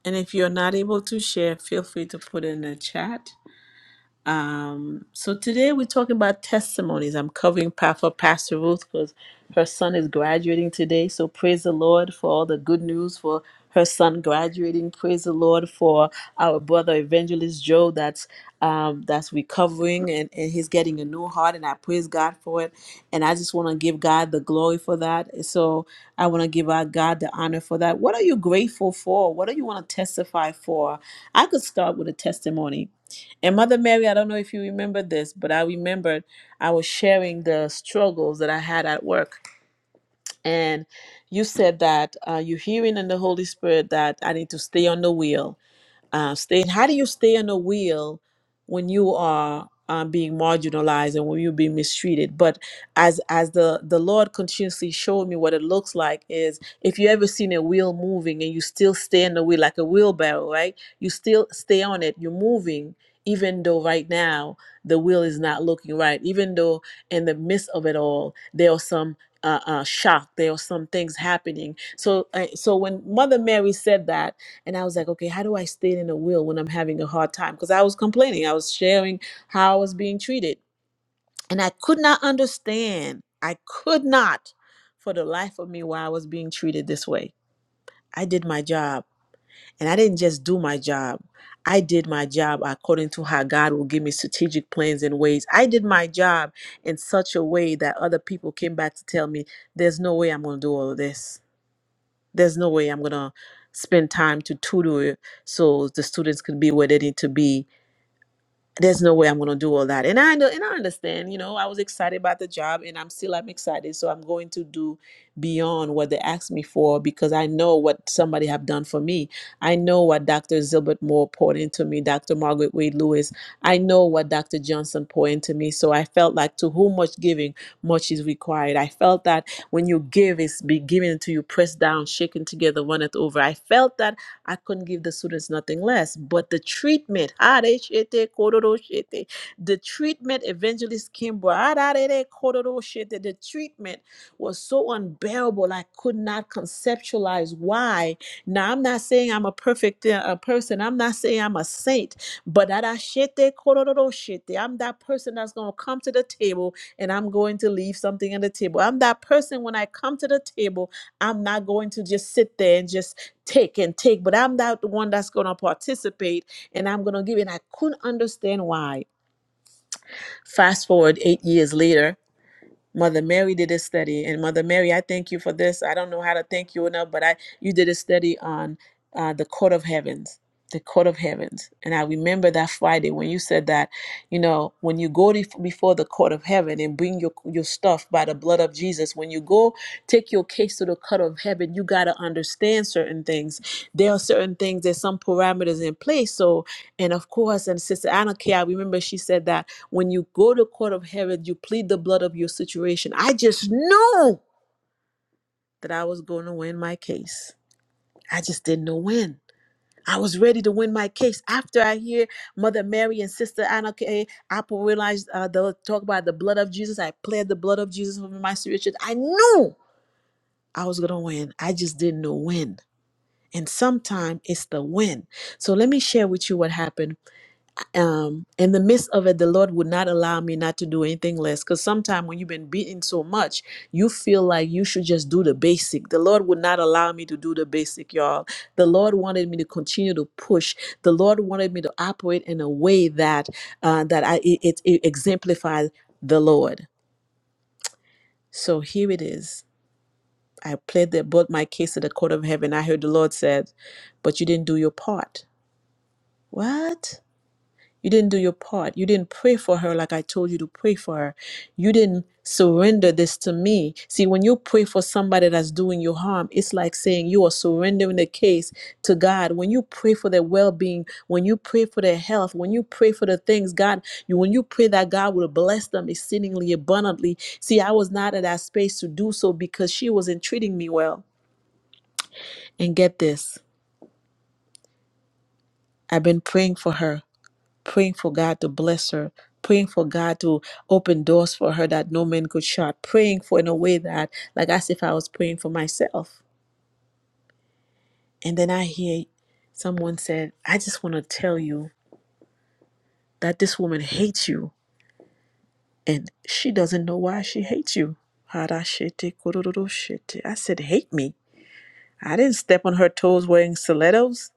And if you're not able to share, feel free to put in the chat. Um, so today we're talking about testimonies. I'm covering pa- for Pastor Ruth because her son is graduating today. So praise the Lord for all the good news for her son graduating. Praise the Lord for our brother Evangelist Joe that's um, that's recovering and, and he's getting a new heart. And I praise God for it. And I just want to give God the glory for that. So I want to give our God the honor for that. What are you grateful for? What do you want to testify for? I could start with a testimony and Mother Mary, I don't know if you remember this, but I remembered I was sharing the struggles that I had at work. And you said that uh, you're hearing in the Holy Spirit that I need to stay on the wheel uh, staying. How do you stay on the wheel when you are uh, being marginalized and when you're being mistreated? But as as the the Lord continuously showed me what it looks like is if you ever seen a wheel moving and you still stay on the wheel like a wheelbarrow, right? You still stay on it. You're moving. Even though right now the wheel is not looking right, even though in the midst of it all there are some uh, uh, shock, there are some things happening. So, uh, so when Mother Mary said that, and I was like, okay, how do I stay in the will when I'm having a hard time? Because I was complaining, I was sharing how I was being treated. And I could not understand, I could not for the life of me why I was being treated this way. I did my job. And I didn't just do my job, I did my job according to how God will give me strategic plans and ways. I did my job in such a way that other people came back to tell me, there's no way I'm going to do all of this there's no way I'm gonna spend time to tutor so the students can be where they need to be there's no way I'm gonna do all that. And I know, and I understand, you know, I was excited about the job and I'm still I'm excited. So I'm going to do beyond what they asked me for because I know what somebody have done for me. I know what Dr. Zilbert Moore poured into me, Dr. Margaret Wade Lewis. I know what Dr. Johnson poured into me. So I felt like to whom much giving, much is required. I felt that when you give, it's be given to you, pressed down, shaken together, runneth over. I felt that I couldn't give the students nothing less. But the treatment, "Areshete kororoshete," the treatment, Evangelist Kimber, "Ararere kororoshete," the treatment was so unbearable. I could not conceptualize why. Now, I'm not saying I'm a perfect uh, a person, I'm not saying I'm a saint, but "Arashete kororoshete," I'm that person that's going to come to the table and I'm going to leave something on the table. I'm that person when I come to the table, I'm not going to just sit there and just take and take, but I'm not the one that's going to participate and I'm going to give. And I couldn't understand why. Fast forward eight years later, Mother Mary did a study, and Mother Mary, I thank you for this. I don't know how to thank you enough, but I you did a study on uh, the court of heavens, the court of heavens, and I remember that Friday when you said that, you know, when you go bef- before the court of heaven and bring your your stuff by the blood of Jesus, when you go take your case to the court of heaven, you gotta understand certain things. There are certain things, there's some parameters in place, so and of course, and Sister Anna Kay, I remember she said that when you go to court of heaven, you plead the blood of your situation. I just knew that I was going to win my case. I just didn't know when. I was ready to win my case. After I hear Mother Mary and Sister Anna Kay, I realized uh, they'll talk about the blood of Jesus. I pled the blood of Jesus over my situation. I knew I was going to win. I just didn't know when. And sometimes it's the when. So let me share with you what happened um in the midst of it the lord would not allow me not to do anything less because sometimes when you've been beaten so much you feel like you should just do the basic the lord would not allow me to do the basic y'all the lord wanted me to continue to push the lord wanted me to operate in a way that uh that i it, it, it exemplified the lord so here it is i played the brought my case to the court of heaven i heard the lord said but you didn't do your part what You didn't do your part. You didn't pray for her like I told you to pray for her. You didn't surrender this to me. See, when you pray for somebody that's doing you harm, it's like saying you are surrendering the case to God. When you pray for their well-being, when you pray for their health, when you pray for the things God, you when you pray that God will bless them exceedingly abundantly. See, I was not in that space to do so because she wasn't treating me well. And get this, I've been praying for her praying for God to bless her, praying for God to open doors for her that no man could shut, praying for in a way that, like as if I was praying for myself. And then I hear someone said, I just want to tell you that this woman hates you and she doesn't know why she hates you. Harashete kororoshete. I said, hate me. I didn't step on her toes wearing stilettos.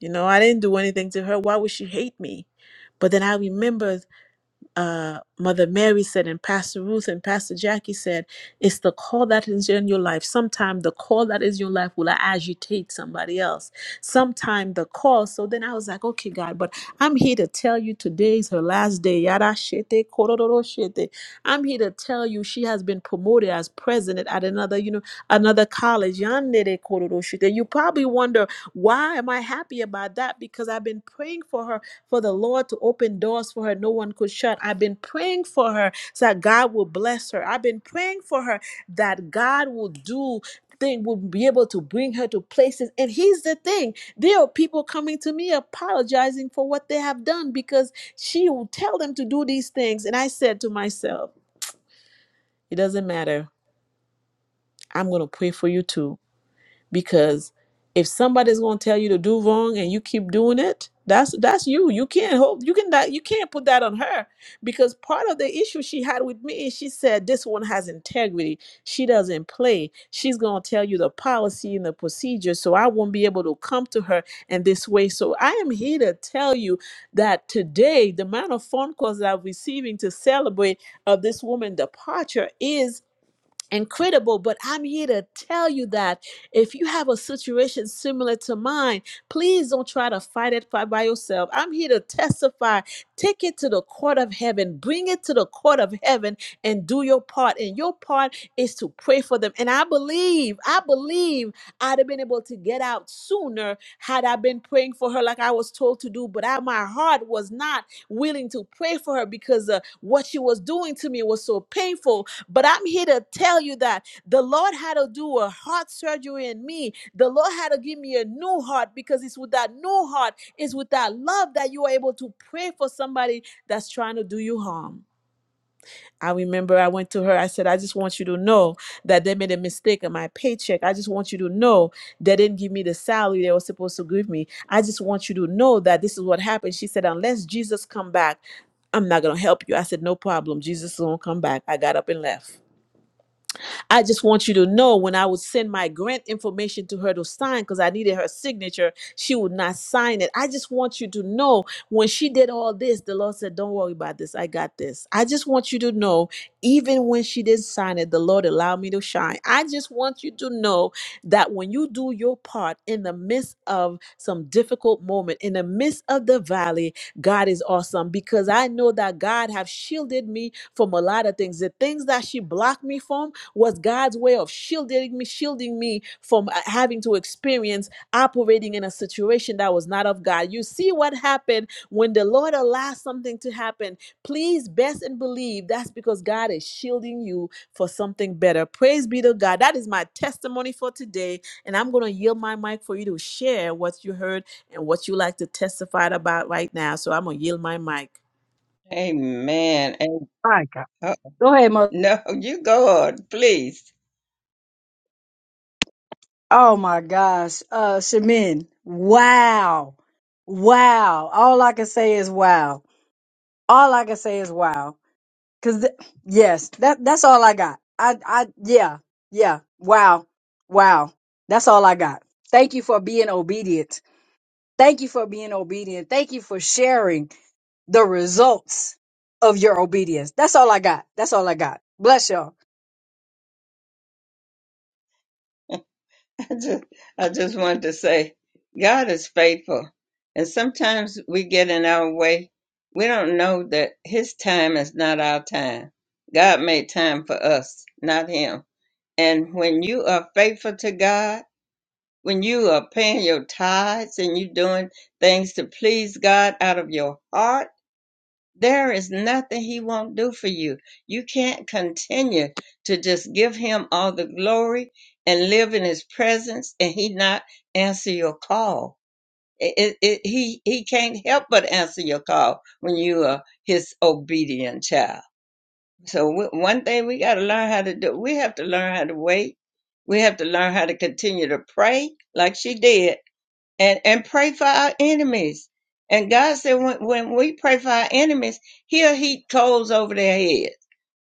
You know, I didn't do anything to her. Why would she hate me? But then I remembered uh, Mother Mary said, and Pastor Ruth and Pastor Jackie said, it's the call that is in your life. Sometimes the call that is in your life will agitate somebody else. Sometimes the call. So then I was like, okay, God, but I'm here to tell you today is her last day. Yada shete, kororo shete. I'm here to tell you she has been promoted as president at another, you know, another college. Yandere kororoshite. You probably wonder why am I happy about that? Because I've been praying for her, for the Lord to open doors for her no one could shut. I've been praying for her so that God will bless her. I've been praying for her that God will do thing will be able to bring her to places and here's the thing there are people coming to me apologizing for what they have done because she will tell them to do these things and i said to myself it doesn't matter. I'm going to pray for you too because if somebody's going to tell you to do wrong and you keep doing it, that's that's you. You can't hope you can not you can't put that on her because part of the issue she had with me is she said this one has integrity. She doesn't play. She's going to tell you the policy and the procedure so I won't be able to come to her in this way. So I am here to tell you that today the amount of phone calls that I'm receiving to celebrate of this woman's departure is incredible but i'm here to tell you that if you have a situation similar to mine please don't try to fight it by by yourself i'm here to testify take it to the court of heaven bring it to the court of heaven and do your part and your part is to pray for them and i believe i believe i'd have been able to get out sooner had i been praying for her like i was told to do but I, my heart was not willing to pray for her because uh, what she was doing to me was so painful but I'm here to tell you that the Lord had to do a heart surgery in me. The Lord had to give me a new heart because it's with that new heart, it's with that love that you are able to pray for somebody that's trying to do you harm. I remember I went to her, I said, I just want you to know that they made a mistake in my paycheck. I just want you to know they didn't give me the salary they were supposed to give me. I just want you to know that this is what happened. She said, unless Jesus come back, I'm not gonna help you. I said, no problem. Jesus won't come back. I got up and left. I just want you to know when I would send my grant information to her to sign because I needed her signature, she would not sign it. I just want you to know when she did all this, the Lord said, Don't worry about this. I got this. I just want you to know, even when she didn't sign it, the Lord allowed me to shine. I just want you to know that when you do your part in the midst of some difficult moment, in the midst of the valley, God is awesome because I know that God have shielded me from a lot of things. The things that she blocked me from, was God's way of shielding me, shielding me from uh, having to experience operating in a situation that was not of God. You see what happened when the Lord allows something to happen. Please best and believe that's because God is shielding you for something better. Praise be to God. That is my testimony for today. And I'm going to yield my mic for you to share what you heard and what you like to testify about right now. So I'm going to yield my mic.
Amen. And,
My God.
oh,
Go ahead, mother.
no, you go on, please.
Oh my gosh. Uh Shamin. Wow. Wow. All I can say is wow. All I can say is wow. Cause th- yes, that that's all I got. I I yeah. Yeah. Wow. Wow. That's all I got. Thank you for being obedient. Thank you for being obedient. Thank you for sharing the results of your obedience. That's all I got. That's all I got. Bless y'all.
I just, I just wanted to say, God is faithful, and sometimes we get in our way. We don't know that His time is not our time. God made time for us, not Him. And when you are faithful to God, when you are paying your tithes and you doing things to please God out of your heart there is nothing he won't do for you. You can't continue to just give him all the glory and live in his presence and he not answer your call. It, it, it- he, he can't help but answer your call when you are his obedient child. So w- one thing we got to learn how to do, we have to learn how to wait. We have to learn how to continue to pray like she did and and pray for our enemies. And God said, when, when we pray for our enemies, He'll heat coals over their heads.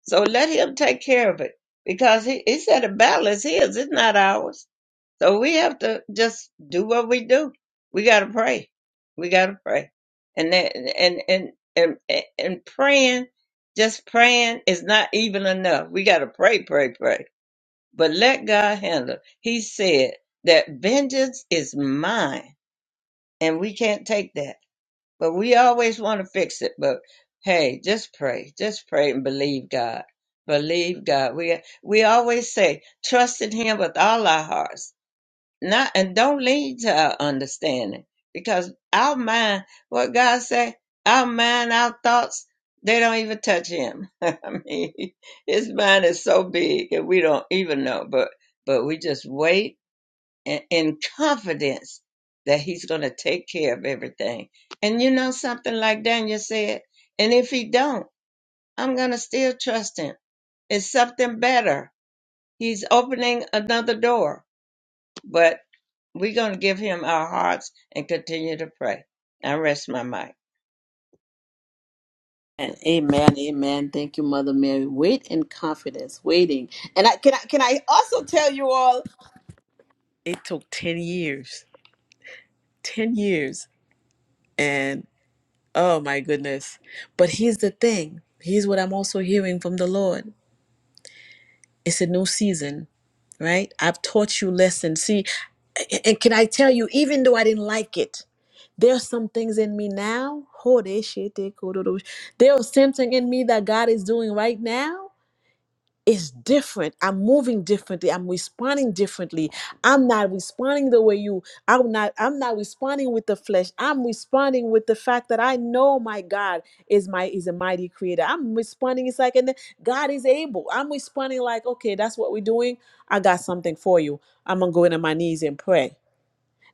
So let Him take care of it because He, he said the battle is His, it's not ours. So we have to just do what we do. We got to pray. We got to pray. And that and and and and, and praying, just praying is not even enough. We got to pray, pray, pray. But let God handle. it. He said that vengeance is mine and we can't take that. But we always want to fix it. But hey, just pray, just pray and believe God. Believe God. We we always say trust in Him with all our hearts, not and don't lean to our understanding because our mind, what God say, our mind, our thoughts, they don't even touch Him. I mean, His mind is so big and we don't even know. But but we just wait in, in confidence that he's going to take care of everything. And you know something like Daniel said, and if he don't, I'm going to still trust him. It's something better. He's opening another door, but we're going to give him our hearts and continue to pray. I rest my mic.
Amen, amen, amen. Thank you, Mother Mary. Wait in confidence, waiting. And I can I can I also tell you all it took 10 years. 10 years. And oh my goodness. But here's the thing. Here's what I'm also hearing from the Lord. It's a new season, right? I've taught you lessons. See, a- and can I tell you, even though I didn't like it, there are some things in me now. There is something in me that God is doing right now is different. I'm moving differently. I'm responding differently. I'm not responding the way you I'm not I'm not responding with the flesh. I'm responding with the fact that I know my God is my is a mighty creator. I'm responding it's like and then God is able. I'm responding like, okay, that's what we're doing. I got something for you. I'm gonna go into my knees and pray.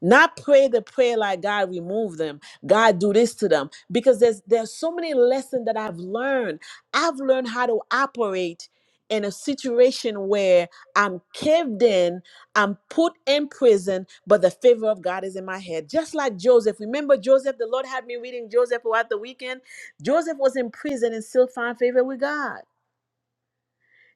Not pray the prayer like God remove them, God do this to them. Because there's there's so many lessons that I've learned. I've learned how to operate in a situation where I'm caved in, I'm put in prison, but the favor of God is in my head. Just like Joseph. Remember Joseph, the Lord had me reading Joseph throughout the weekend. Joseph was in prison and still found favor with God.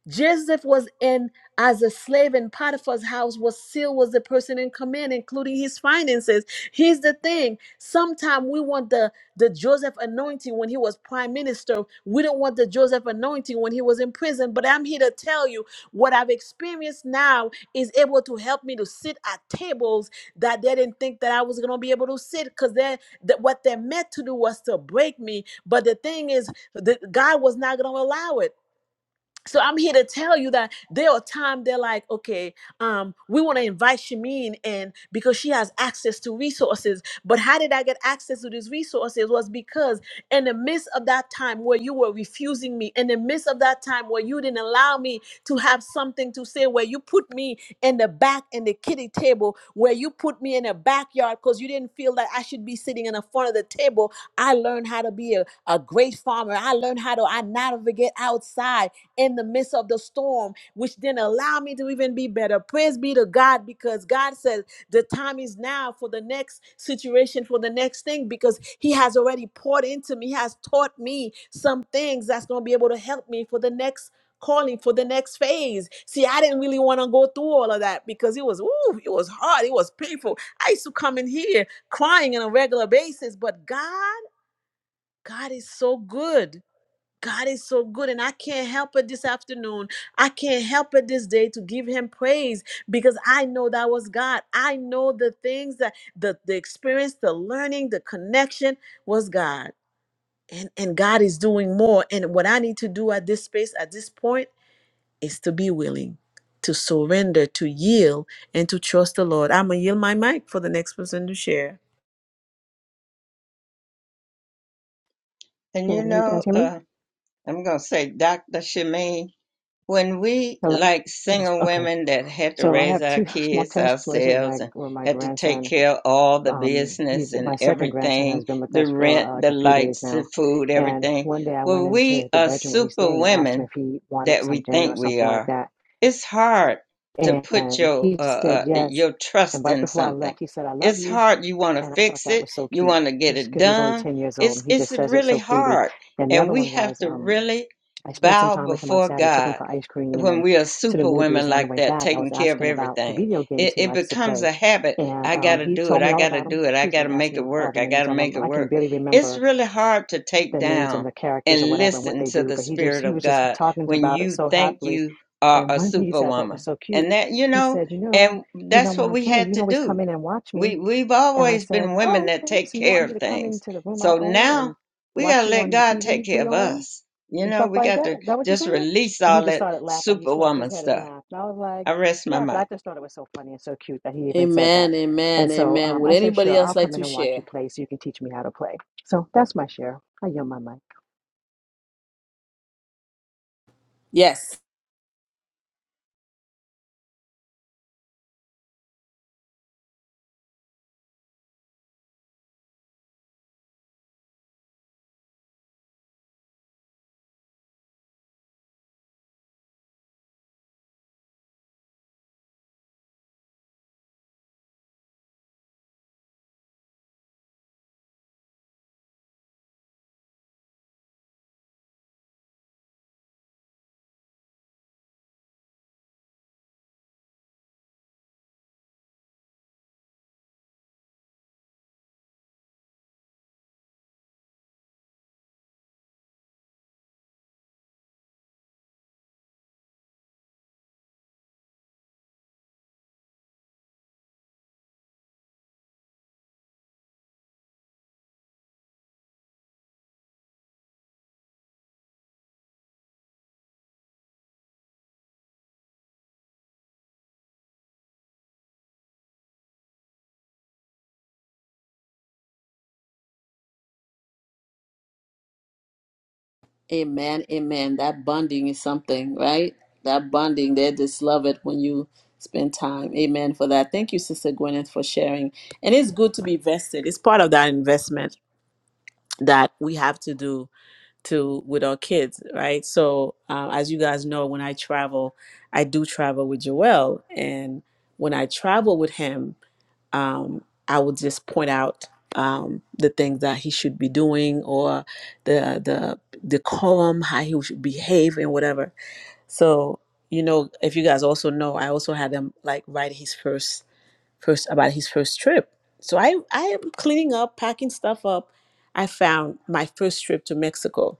Joseph was in as a slave in Potiphar's house was still was the person in command, including his finances. Here's the thing. Sometimes we want the, the Joseph anointing when he was prime minister. We don't want the Joseph anointing when he was in prison. But I'm here to tell you what I've experienced now is able to help me to sit at tables that they didn't think that I was gonna be able to sit because they that what they meant to do was to break me. But the thing is, the, God was not gonna allow it so I'm here to tell you that there are times they're like, okay, um, we want to invite Shamin in because she has access to resources. But how did I get access to these resources? Was because in the midst of that time where you were refusing me, in the midst of that time where you didn't allow me to have something to say, where you put me in the back in the kitty table, where you put me in the backyard because you didn't feel that I should be sitting in the front of the table. I learned how to be a, a great farmer. I learned how to I navigate outside in the midst of the storm form, which then allow me to even be better. Praise be to God because God says the time is now for the next situation, for the next thing, because He has already poured into me, He has taught me some things that's going to be able to help me for the next calling for the next phase. See, I didn't really want to go through all of that because it was ooh, it was hard, it was painful. I used to come in here crying on a regular basis, but God, God is so good. God is so good, and I can't help it this afternoon. I can't help it this day to give Him praise because I know that was God. I know the things that the, the experience, the learning, the connection was God. And, and God is doing more. And what I need to do at this space, at this point, is to be willing, to surrender, to yield, and to trust the Lord. I'm going to yield my mic for the next person to share.
And you
Can you guys
know,
hear me?
uh, I'm going to say Dr. Shemaine, when we
Hello?
like
Yes.
single
Okay.
women that had to
So I
raise
have
our
two small
kids
testimonies with
ourselves
my
and
with my
had to take
grandson.
care of all the
Um,
business
he's
and
my second grandson has
everything
been with
the
us for
rent
uh,
the
like a few days
lights the
now.
food
And
everything
one day I went
when we
into the
are
bedroom where he's
super
staying and asked him
women
if he wanted
that we
some dinner
think
or
we
something like
are
that.
it's hard to put
And
your
he said
uh, uh,
yes.
your trust
And right
in
before I
something
left, he said, "I love
it's
you."
hard you want to
And I thought
fix
that
it
was so
you
cute
want to get it
because he's only
done
ten years old
it's
and he
it's
just says it
really
so freely.
hard
And the
and
other
we
one
have
was
to
um,
really
I spent some
bow
time with him on
before
Saturday. I took him
god
for ice cream
when
and
we are
to the
super
movies.
women
And on the
like
way
that,
back, I
taking
was
care of
asking about the
everything,
video games
it,
he
it
likes to
becomes
play.
a habit.
And
I got
um,
to
he
do it.
told me
I
all
got to
about them.
do it. I
Please
got to
don't ask
make it
me all
work.
the
I got to
names of
make
them.
it
I can
work.
barely
It's
remember
really hard to take
the names and
down
the characters or
and
whatever and what
listen
they
to
do.
the
But he just
Spirit
he
of
was just
God
talking
when
about it
you
so
think
happily.
you are
And
a
one thing he said I thought was
superwoman.
so cute.
And that, you
He
know,
said, "You know,
and
you know
that's
when
what
I'm
we
playing,
had
you can
to
always
do
come in and watch me."
we we've
And I
always
said,
been women
"Oh,
that
okay.
take
So you
care
want me
of
to come
things.
into the room I
So
own
now
and
we
watch
gotta
you
let
on the
God take
TV
care
we
of
own?"
us. You
and
know,
stuff
we
like
got
that.
to
Is that what you're
just
saying?
release
And he
all
just
that
started laughing. Like, He slapped his
superwoman
head and
stuff.
laughed. And I was like,
I rest my
yeah, but I
mic.
just thought it was so funny and so cute that he even said that.
Amen, amen,
And so
amen.
um,
Would
I said,
anybody
sure,
else
I'll
like
come in
to
and watch you
share?
play so you can teach me how to play. So that's my share. I yield my mic.
Amen, amen. That bonding is something, right? That bonding, they just love it when you spend time. Amen for that. Thank you, Sister Gwyneth, for sharing. And it's good to be vested. It's part of that investment that we have to do to with our kids, right? So, uh, as you guys know, when I travel, I do travel with Joel, and when I travel with him um, I would just point out um, the things that he should be doing or the the decorum, how he should behave and whatever. So you know, if you guys also know, I also had him like write his first first about his first trip. So I I am cleaning up, packing stuff up. I found my first trip to Mexico,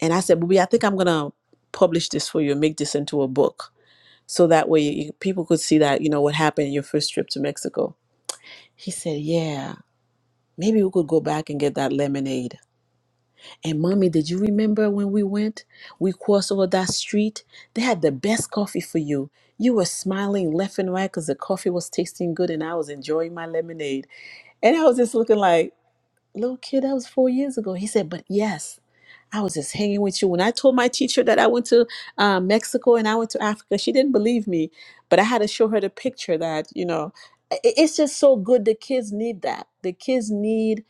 and I said, "Booby, I think I'm gonna publish this for you and make this into a book." So that way, you- people could see that you know what happened in your first trip to Mexico. He said, "Yeah." Maybe we could go back and get that lemonade. And mommy, did you remember when we went? We crossed over that street. They had the best coffee for you. You were smiling left and right because the coffee was tasting good and I was enjoying my lemonade. And I was just looking like, little kid, that was four years ago. He said, but yes, I was just hanging with you. When I told my teacher that I went to uh, Mexico and I went to Africa, she didn't believe me, but I had to show her the picture that, you know, i- i- it's just so good. The kids need that. The kids need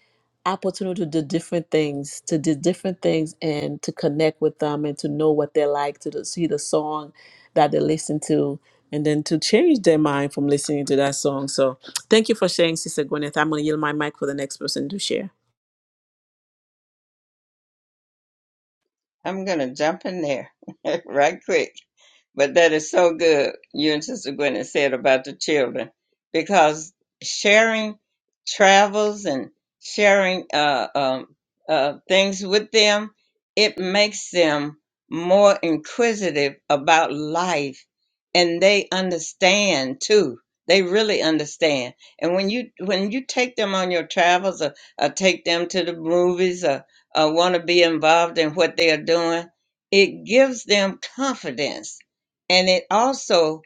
opportunity to do different things, to do different things and to connect with them and to know what they like, to the- see the song that they listen to. And then to change their mind from listening to that song. So, thank you for sharing, Sister Gwyneth. I'm going to yield my mic for the next person to share.
I'm gonna jump in there right quick. But that is so good, you and Sister Gwen said about the children, because sharing travels and sharing uh, um, uh, things with them, it makes them more inquisitive about life, and they understand too. They really understand. And when you when you take them on your travels, or, or take them to the movies, or, or want to be involved in what they are doing, it gives them confidence and it also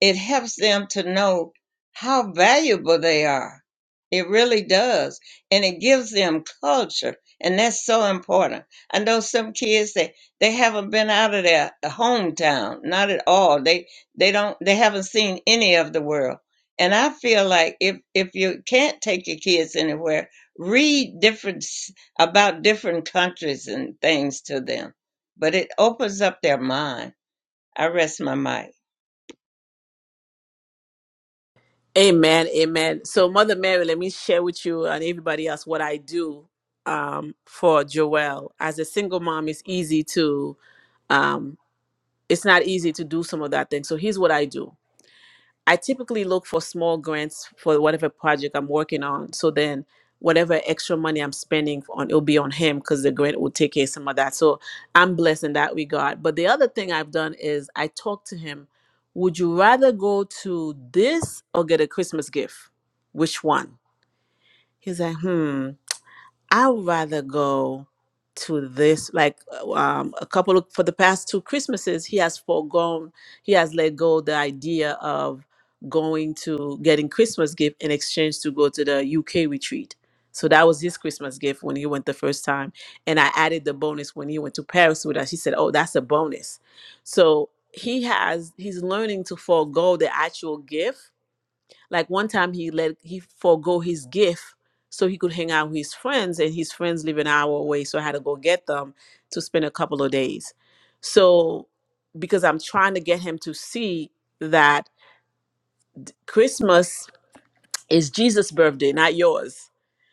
it helps them to know how valuable they are it really does and it gives them culture and that's so important i know some kids that they haven't been out of their hometown not at all they they don't they haven't seen any of the world and i feel like if if you can't take your kids anywhere read different s- about different countries and things to them but it opens up their mind i rest my mic
Amen, amen. So, Mother Mary, let me share with you and everybody else what I do um, for Joelle. As a single mom, it's easy to um, it's not easy to do some of that thing. So, here's what I do. I typically look for small grants for whatever project I'm working on. So then whatever extra money I'm spending on it'll be on him because the grant will take care of some of that. So I'm blessed in that regard. But the other thing I've done is I talked to him, would you rather go to this or get a Christmas gift? Which one? He's like, hmm. I would rather go to this like um a couple of for the past two Christmases he has foregone he has let go the idea of going to getting Christmas gift in exchange to go to the UK retreat. So that was his Christmas gift when he went the first time and I added the bonus when he went to Paris with us. He said, "Oh, that's a bonus." So he has he's learning to forego the actual gift like one time he let he forego his gift so he could hang out with his friends, and his friends live an hour away, so I had to go get them to spend a couple of days. So because I'm trying to get him to see that Christmas is Jesus' birthday, not yours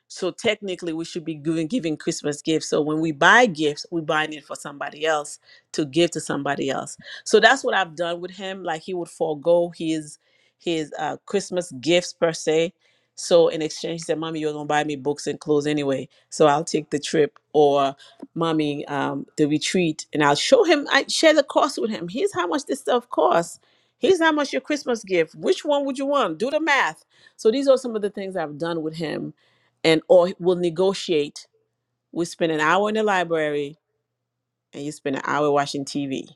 so technically, we should be giving giving Christmas gifts. So when we buy gifts, we buying it for somebody else to give to somebody else. So that's what I've done with him. Like he would forego his his uh, Christmas gifts per se. So in exchange, he said, "Mommy, you're gonna buy me books and clothes anyway, so I'll take the trip." Or, "Mommy, um, the retreat," and I'll show him. I share the cost with him. Here's how much this stuff costs. Here's how much your Christmas gift. Which one would you want? Do the math. So these are some of the things I've done with him and or we'll negotiate. We spend an hour in the library and you spend an hour watching TV.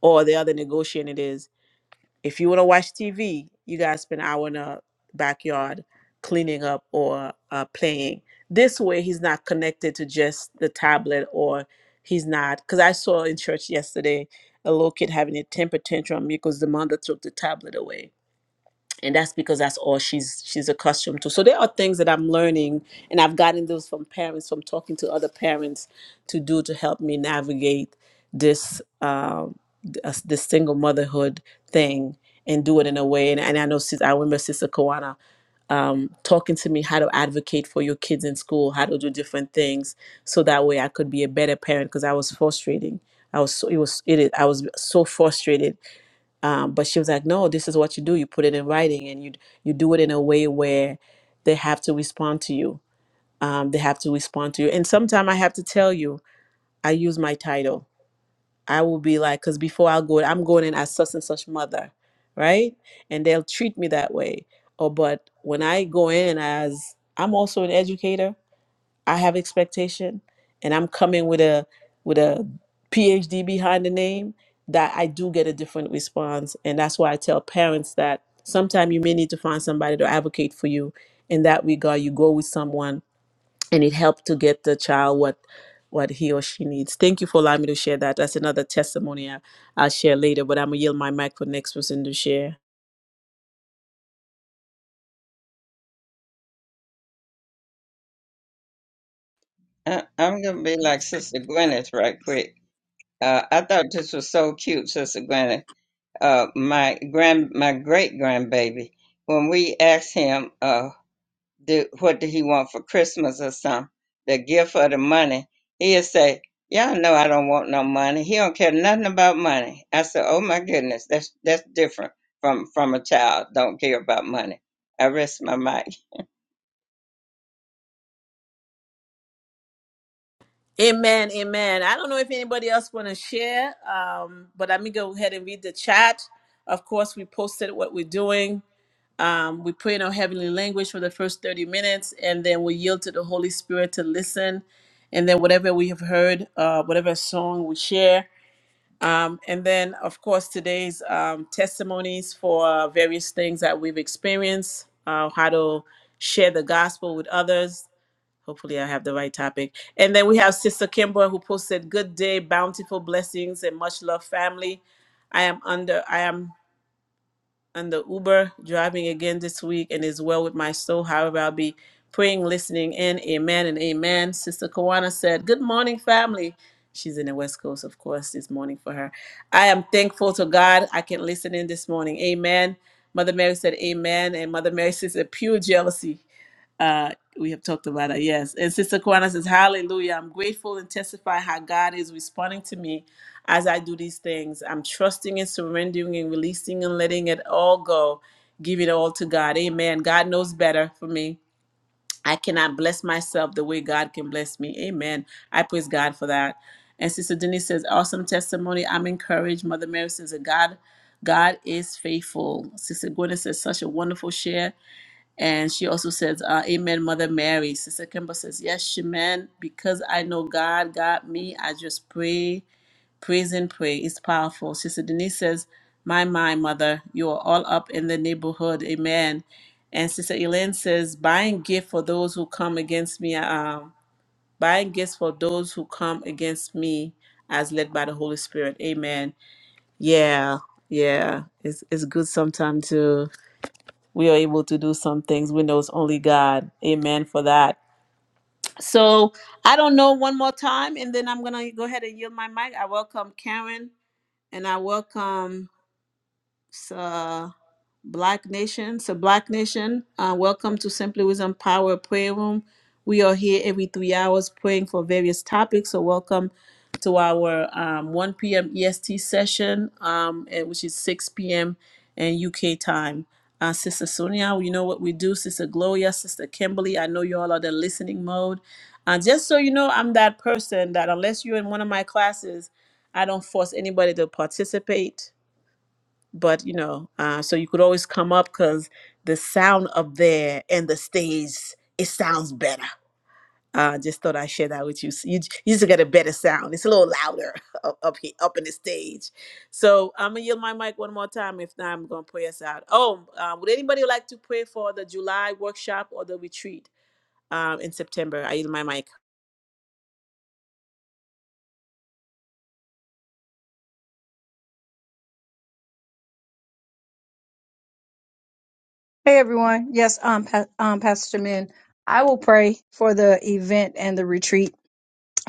Or the other negotiating is if you want to watch TV, you guys spend an hour in the backyard cleaning up or uh, playing. This way, he's not connected to just the tablet or he's not. Because I saw in church yesterday a little kid having a temper tantrum because the mother took the tablet away and that's because that's all she's she's accustomed to so there are things that i'm learning and i've gotten those from parents from talking to other parents to do to help me navigate this um th- uh, this single motherhood thing and do it in a way and, and i know sis i remember sister Kawana um, talking to me how to advocate for your kids in school how to do different things so that way i could be a better parent because i was frustrating i was so it was it is- i was so frustrated um, but she was like no this is what you do you put it in writing and you you do it in a way where they have to respond to you um, they have to respond to you and sometimes i have to tell you i use my title i will be like because before i go i'm going in as such and such mother right and they'll treat me that way or but when i go in as i'm also an educator I have expectation and I'm coming with a with a PhD behind the name that I do get a different response and that's why I tell parents that sometimes you may need to find somebody to advocate for you in that regard you go with someone and it helps to get the child what what he or she needs. Thank you for allowing me to share that. That's another testimony I, I'll share later, but I'm gonna yield my mic for the next person to share.
I- I'm gonna be like Sister Gwyneth right quick. Uh, I thought this was so cute, Sister Gwyneth. Uh, my grand, my great grandbaby, when we asked him, uh, do, what did he want for Christmas or something, the gift or the money, he'd say, "Y'all know I don't want no money. He don't care nothing about money." I said, "Oh my goodness, that's that's different from from a child don't care about money." I rest my mic.
Amen, amen. I don't know if anybody else want to share, um, but let me go ahead and read the chat. Of course, we posted what we're doing. Um, we pray in our heavenly language for the first 30 minutes, and then we yield to the Holy Spirit to listen. And then whatever we have heard, uh, whatever song we share. Um, and then, of course, today's um, testimonies for uh, various things that we've experienced, uh, how to share the gospel with others, Hopefully, I have the right topic. And then we have Sister Kimber who posted, "Good day, bountiful blessings, and much love, family. I am under I am under Uber driving again this week, and is well with my soul. However, I'll be praying, listening in. Amen and amen." Sister Kawana said, "Good morning, family." She's in the West Coast, of course, this morning for her. I am thankful to God. I can listen in this morning. Amen. Mother Mary said, Amen. And Mother Mary says, a pure jealousy. Uh, we have talked about that, yes. And Sister Kwana says, Hallelujah. I'm grateful and testify how God is responding to me as I do these things. I'm trusting and surrendering and releasing and letting it all go. Give it all to God. Amen. God knows better for me. I cannot bless myself the way God can bless me. Amen. I praise God for that. And Sister Denise says, Awesome testimony. I'm encouraged. Mother Mary says, God, God is faithful. Sister Gwyneth says, Such a wonderful share. And she also says, uh, Amen, Mother Mary. Sister Kimber says, Yes, amen. Because I know God got me, I just pray, praise, and pray. It's powerful. Sister Denise says, My, my, Mother, you are all up in the neighborhood. Amen. And Sister Elaine says, Buying gift for those who come against me, um, buying gifts for those who come against me as led by the Holy Spirit. Amen. Yeah, yeah. It's, it's good sometimes to we are able to do some things we know it's only god amen for that so i don't know one more time and then i'm gonna go ahead and yield my mic i welcome karen and i welcome uh, Black Nation. So, Black Nation, uh, welcome to Simply Wisdom Power Prayer Room. We are here every three hours praying for various topics. So, welcome to our um, 1 p.m. EST session, um, and- which is 6 p.m. and UK time. Uh, Sister Sonia, you know what we do. Sister Gloria, Sister Kimberly, I know you all are the listening mode. And just so you know, I'm that person that unless you're in one of my classes, I don't force anybody to participate but you know uh, so you could always come up because the sound up there and the stage it sounds better uh, just thought i'd share that with you So you, you just get a better sound it's a little louder up up here up in the stage so i'm gonna yield my mic one more time if not i'm gonna pray us out oh uh, would anybody like to pray for the july workshop or the retreat um, in september i yield my mic
Hey everyone. Yes, um, pa- um, Pastor Min, I will pray for the event and the retreat.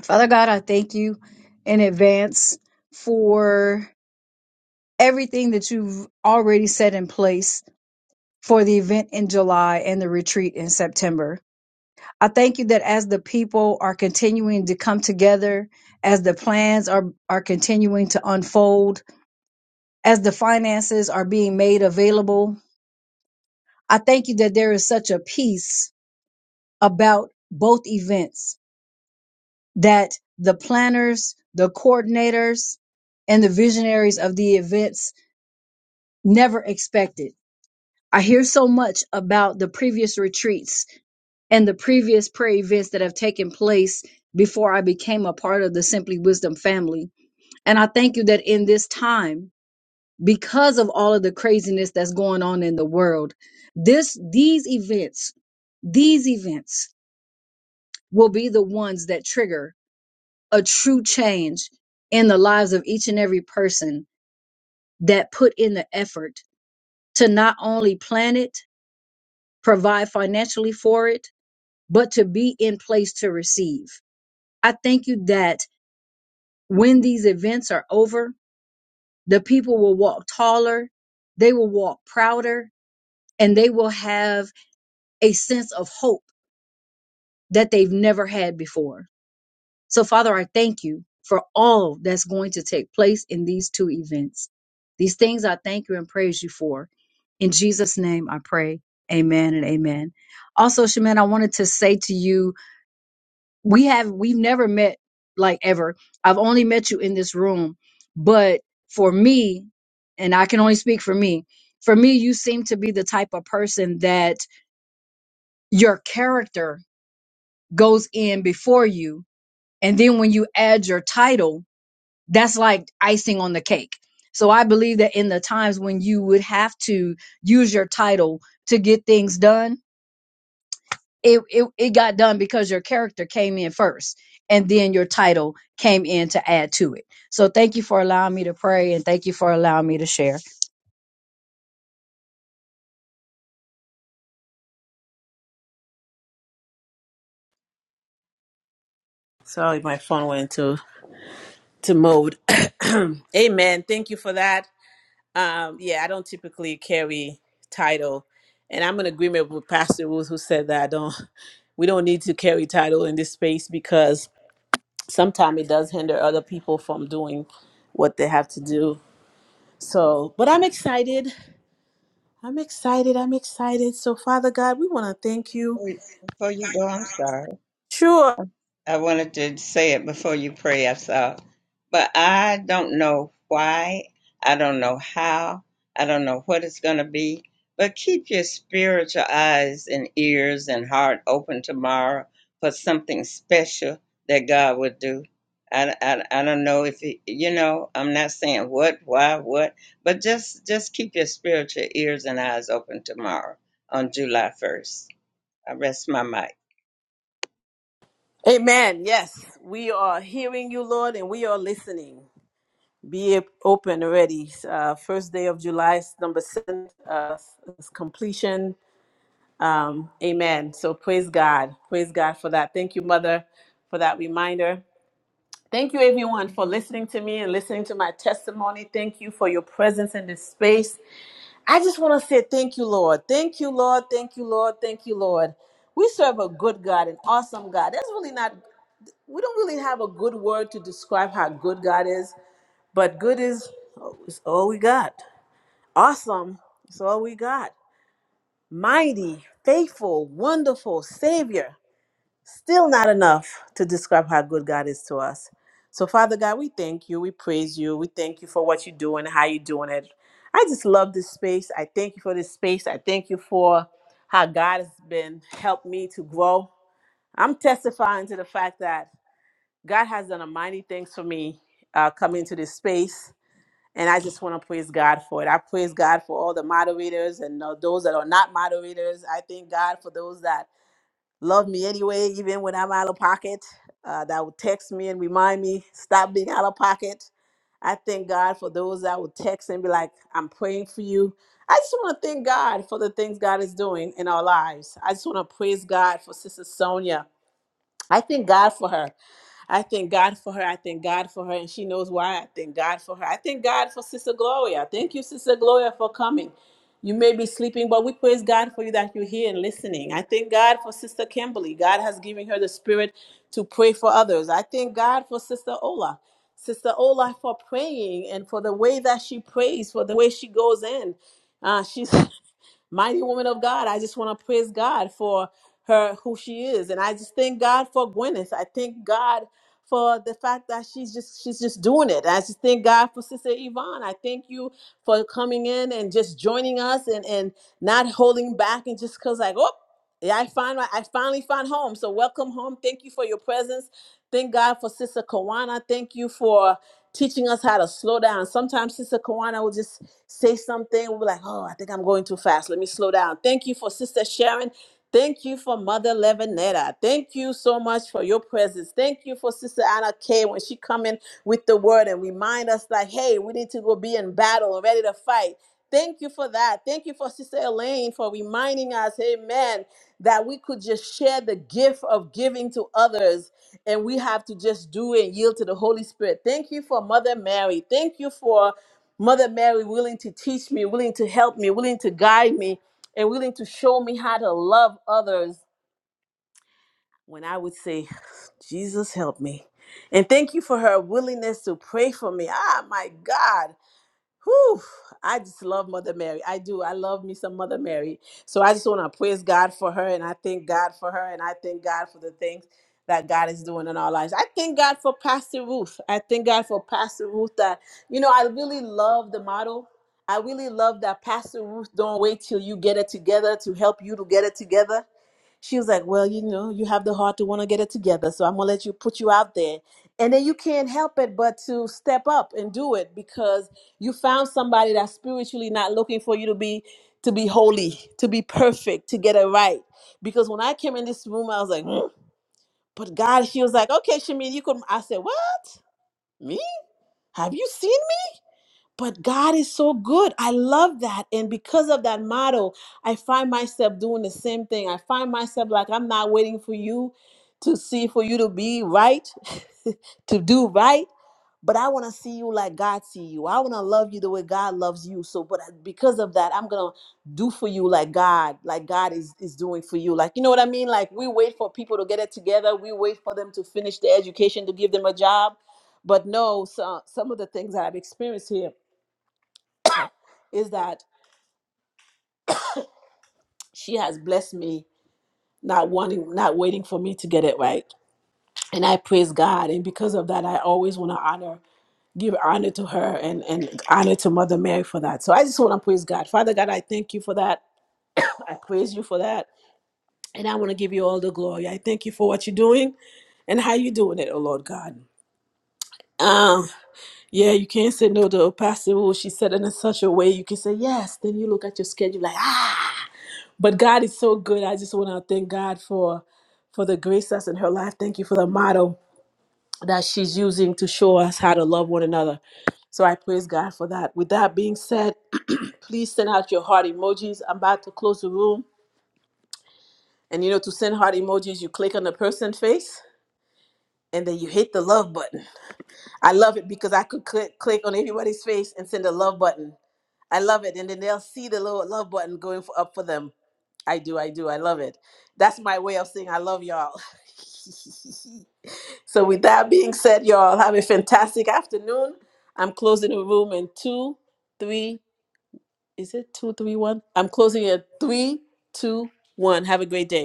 Father God, I thank you in advance for everything that you've already set in place for the event in July and the retreat in September. I thank you that as the people are continuing to come together, as the plans are, are continuing to unfold, as the finances are being made available, I thank you that there is such a peace about both events that the planners, the coordinators, and the visionaries of the events never expected. I hear so much about the previous retreats and the previous prayer events that have taken place before I became a part of the Simply Wisdom family. And I thank you that in this time, because of all of the craziness that's going on in the world, this these events, these events will be the ones that trigger a true change in the lives of each and every person that put in the effort to not only plan it, provide financially for it, but to be in place to receive. I thank you that when these events are over, the people will walk taller, they will walk prouder, and they will have a sense of hope that they've never had before. So, Father, I thank you for all that's going to take place in these two events. These things I thank you and praise you for. In Jesus' name, I pray. Amen and amen. Also, Shaman, I wanted to say to you, we have we've never met like ever. I've only met you in this room, but for me, and I can only speak for me. For me, you seem to be the type of person that your character goes in before you, and then when you add your title, that's like icing on the cake. So I believe that in the times when you would have to use your title to get things done, it, it, it got done because your character came in first and then your title came in to add to it. So thank you for allowing me to pray and thank you for allowing me to share.
sorry my phone went into to mode amen thank you for that Um, yeah, I don't typically carry title, and I'm in agreement with Pastor Ruth, who said that I don't. We don't need to carry title in this space because sometimes it does hinder other people from doing what they have to do. So, but I'm excited. I'm excited. I'm excited. So, Father God, we want to thank you.
Before you go, I'm sorry.
Sure.
I wanted to say it before you pray, I saw. But I don't know why. I don't know how. I don't know what it's going to be. But keep your spiritual eyes and ears and heart open tomorrow for something special that God would do. I, I, I don't know if he, you know i'm not saying what why what but just just keep your spiritual ears and eyes open tomorrow on july 1st i rest my mic
Amen. Yes, we are hearing you, Lord, and we are listening. Be open already. Uh, first day of July, number seven, uh, is completion Um, amen. So praise God. Praise God for that. Thank you, Mother, for that reminder. Thank you, everyone, for listening to me and listening to my testimony. Thank you for your presence in this space. I just want to say thank you, Lord. Thank you, Lord. Thank you, Lord. Thank you, Lord. We serve a good God, an awesome God. That's really not, we don't really have a good word to describe how good God is, but good is, is all we got. Awesome is all we got. Mighty, faithful, wonderful Savior. still not enough to describe how good God is to us. So, Father God, we thank you. We praise you. We thank you for what you're doing, how you're doing it. I just love this space. I thank you for this space. I thank you for how God has been helped me to grow. I'm testifying to the fact that God has done a mighty things for me uh, coming into this space. And I just want to praise God for it. I praise God for all the moderators and uh, those that are not moderators. I thank God for those that love me anyway, even when I'm out of pocket, uh, that would text me and remind me, stop being out of pocket. I thank God for those that would text and be like, I'm praying for you. I just want to thank God for the things God is doing in our lives. I just want to praise God for Sister Sonia. I thank God for her. I thank God for her. I thank God for her, and she knows why. I thank God for her. I thank God for Sister Gloria. Thank you, Sister Gloria, for coming. You may be sleeping, but we praise God for you that you're here and listening. I thank God for Sister Kimberly. God has given her the spirit to pray for others. I thank God for Sister Ola. Sister Ola for praying and for the way that she prays, for the way she goes in. Uh, she's mighty woman of God. I just want to praise God for her who she is, and I just thank God for Gwyneth. I thank God for the fact that she's just she's just doing it. I just thank God for Sister Yvonne. I thank you for coming in and just joining us and and not holding back and just cause like oh yeah, I find my, I finally found home. So welcome home. Thank you for your presence. Thank God for Sister Kawana. Thank you for teaching us how to slow down. Sometimes Sister Kawana will just say something. We'll be like, oh, I think I'm going too fast. Let me slow down. Thank you for Sister Sharon. Thank you for Mother Levinetta. Thank you so much for your presence. Thank you for Sister Anna Kay when she come in with the word and remind us like, hey, we need to go be in battle and ready to fight. Thank you for that. Thank you for Sister Elaine for reminding us, amen, that we could just share the gift of giving to others and we have to just do it and yield to the Holy Spirit. Thank you for Mother Mary. Thank you for Mother Mary willing to teach me, willing to help me, willing to guide me and willing to show me how to love others when I would say, Jesus, help me. And thank you for her willingness to pray for me. Ah, my God. Whew, I just love Mother Mary. I do. I love me some Mother Mary. So I just want to praise God for her and I thank God for her and I thank God for the things that God is doing in our lives. I thank God for Pastor Ruth. I thank God for Pastor Ruth that, you know, I really love the model. I really love that Pastor Ruth don't wait till you get it together to help you to get it together. She was like, Well, you know, you have the heart to want to get it together, so I'm gonna let you put you out there. And then you can't help it but to step up and do it because you found somebody that's spiritually not looking for you to be to be holy, to be perfect, to get it right. Because when I came in this room, I was like, "Mm." but God, she was like, Okay, Shamin, you could I said, What? Me? Have you seen me? But God is so good. I love that. And because of that motto, I find myself doing the same thing. I find myself like, I'm not waiting for you to see, for you to be right, to do right. But I want to see you like God see you. I want to love you the way God loves you. So, but uh, because of that, I'm gonna do for you like God, like God is is doing for you. Like you know what I mean? Like we wait for people to get it together. We wait for them to finish their education to give them a job. But no, so, some of the things that I've experienced here is that she has blessed me, not wanting, not waiting for me to get it right. And I praise God. And because of that, I always want to honor, give honor to her and, and honor to Mother Mary for that. So I just want to praise God. Father God, I thank you for that. I praise you for that. And I want to give you all the glory. I thank you for what you're doing and how you're doing it, oh Lord God. Um, yeah, you can't say no to a pastor. Well, she said it in such a way you can say yes. Then you look at your schedule like, ah. but God is so good. I just want to thank God for for the grace that's in her life. Thank you for the model that she's using to show us how to love one another. So I praise God for that. With that being said, please send out your heart emojis. I'm about to close the room. And you know, to send heart emojis, you click on the person face and then you hit the love button. I love it because I could click, click on everybody's face and send a love button. I love it. And then they'll see the little love button going for, up for them. I do, I do, I love it. That's my way of saying I love y'all. so with that being said, y'all have a fantastic afternoon. I'm closing the room in two, three, is it two, three, one? I'm closing it at three, two, one. Have a great day.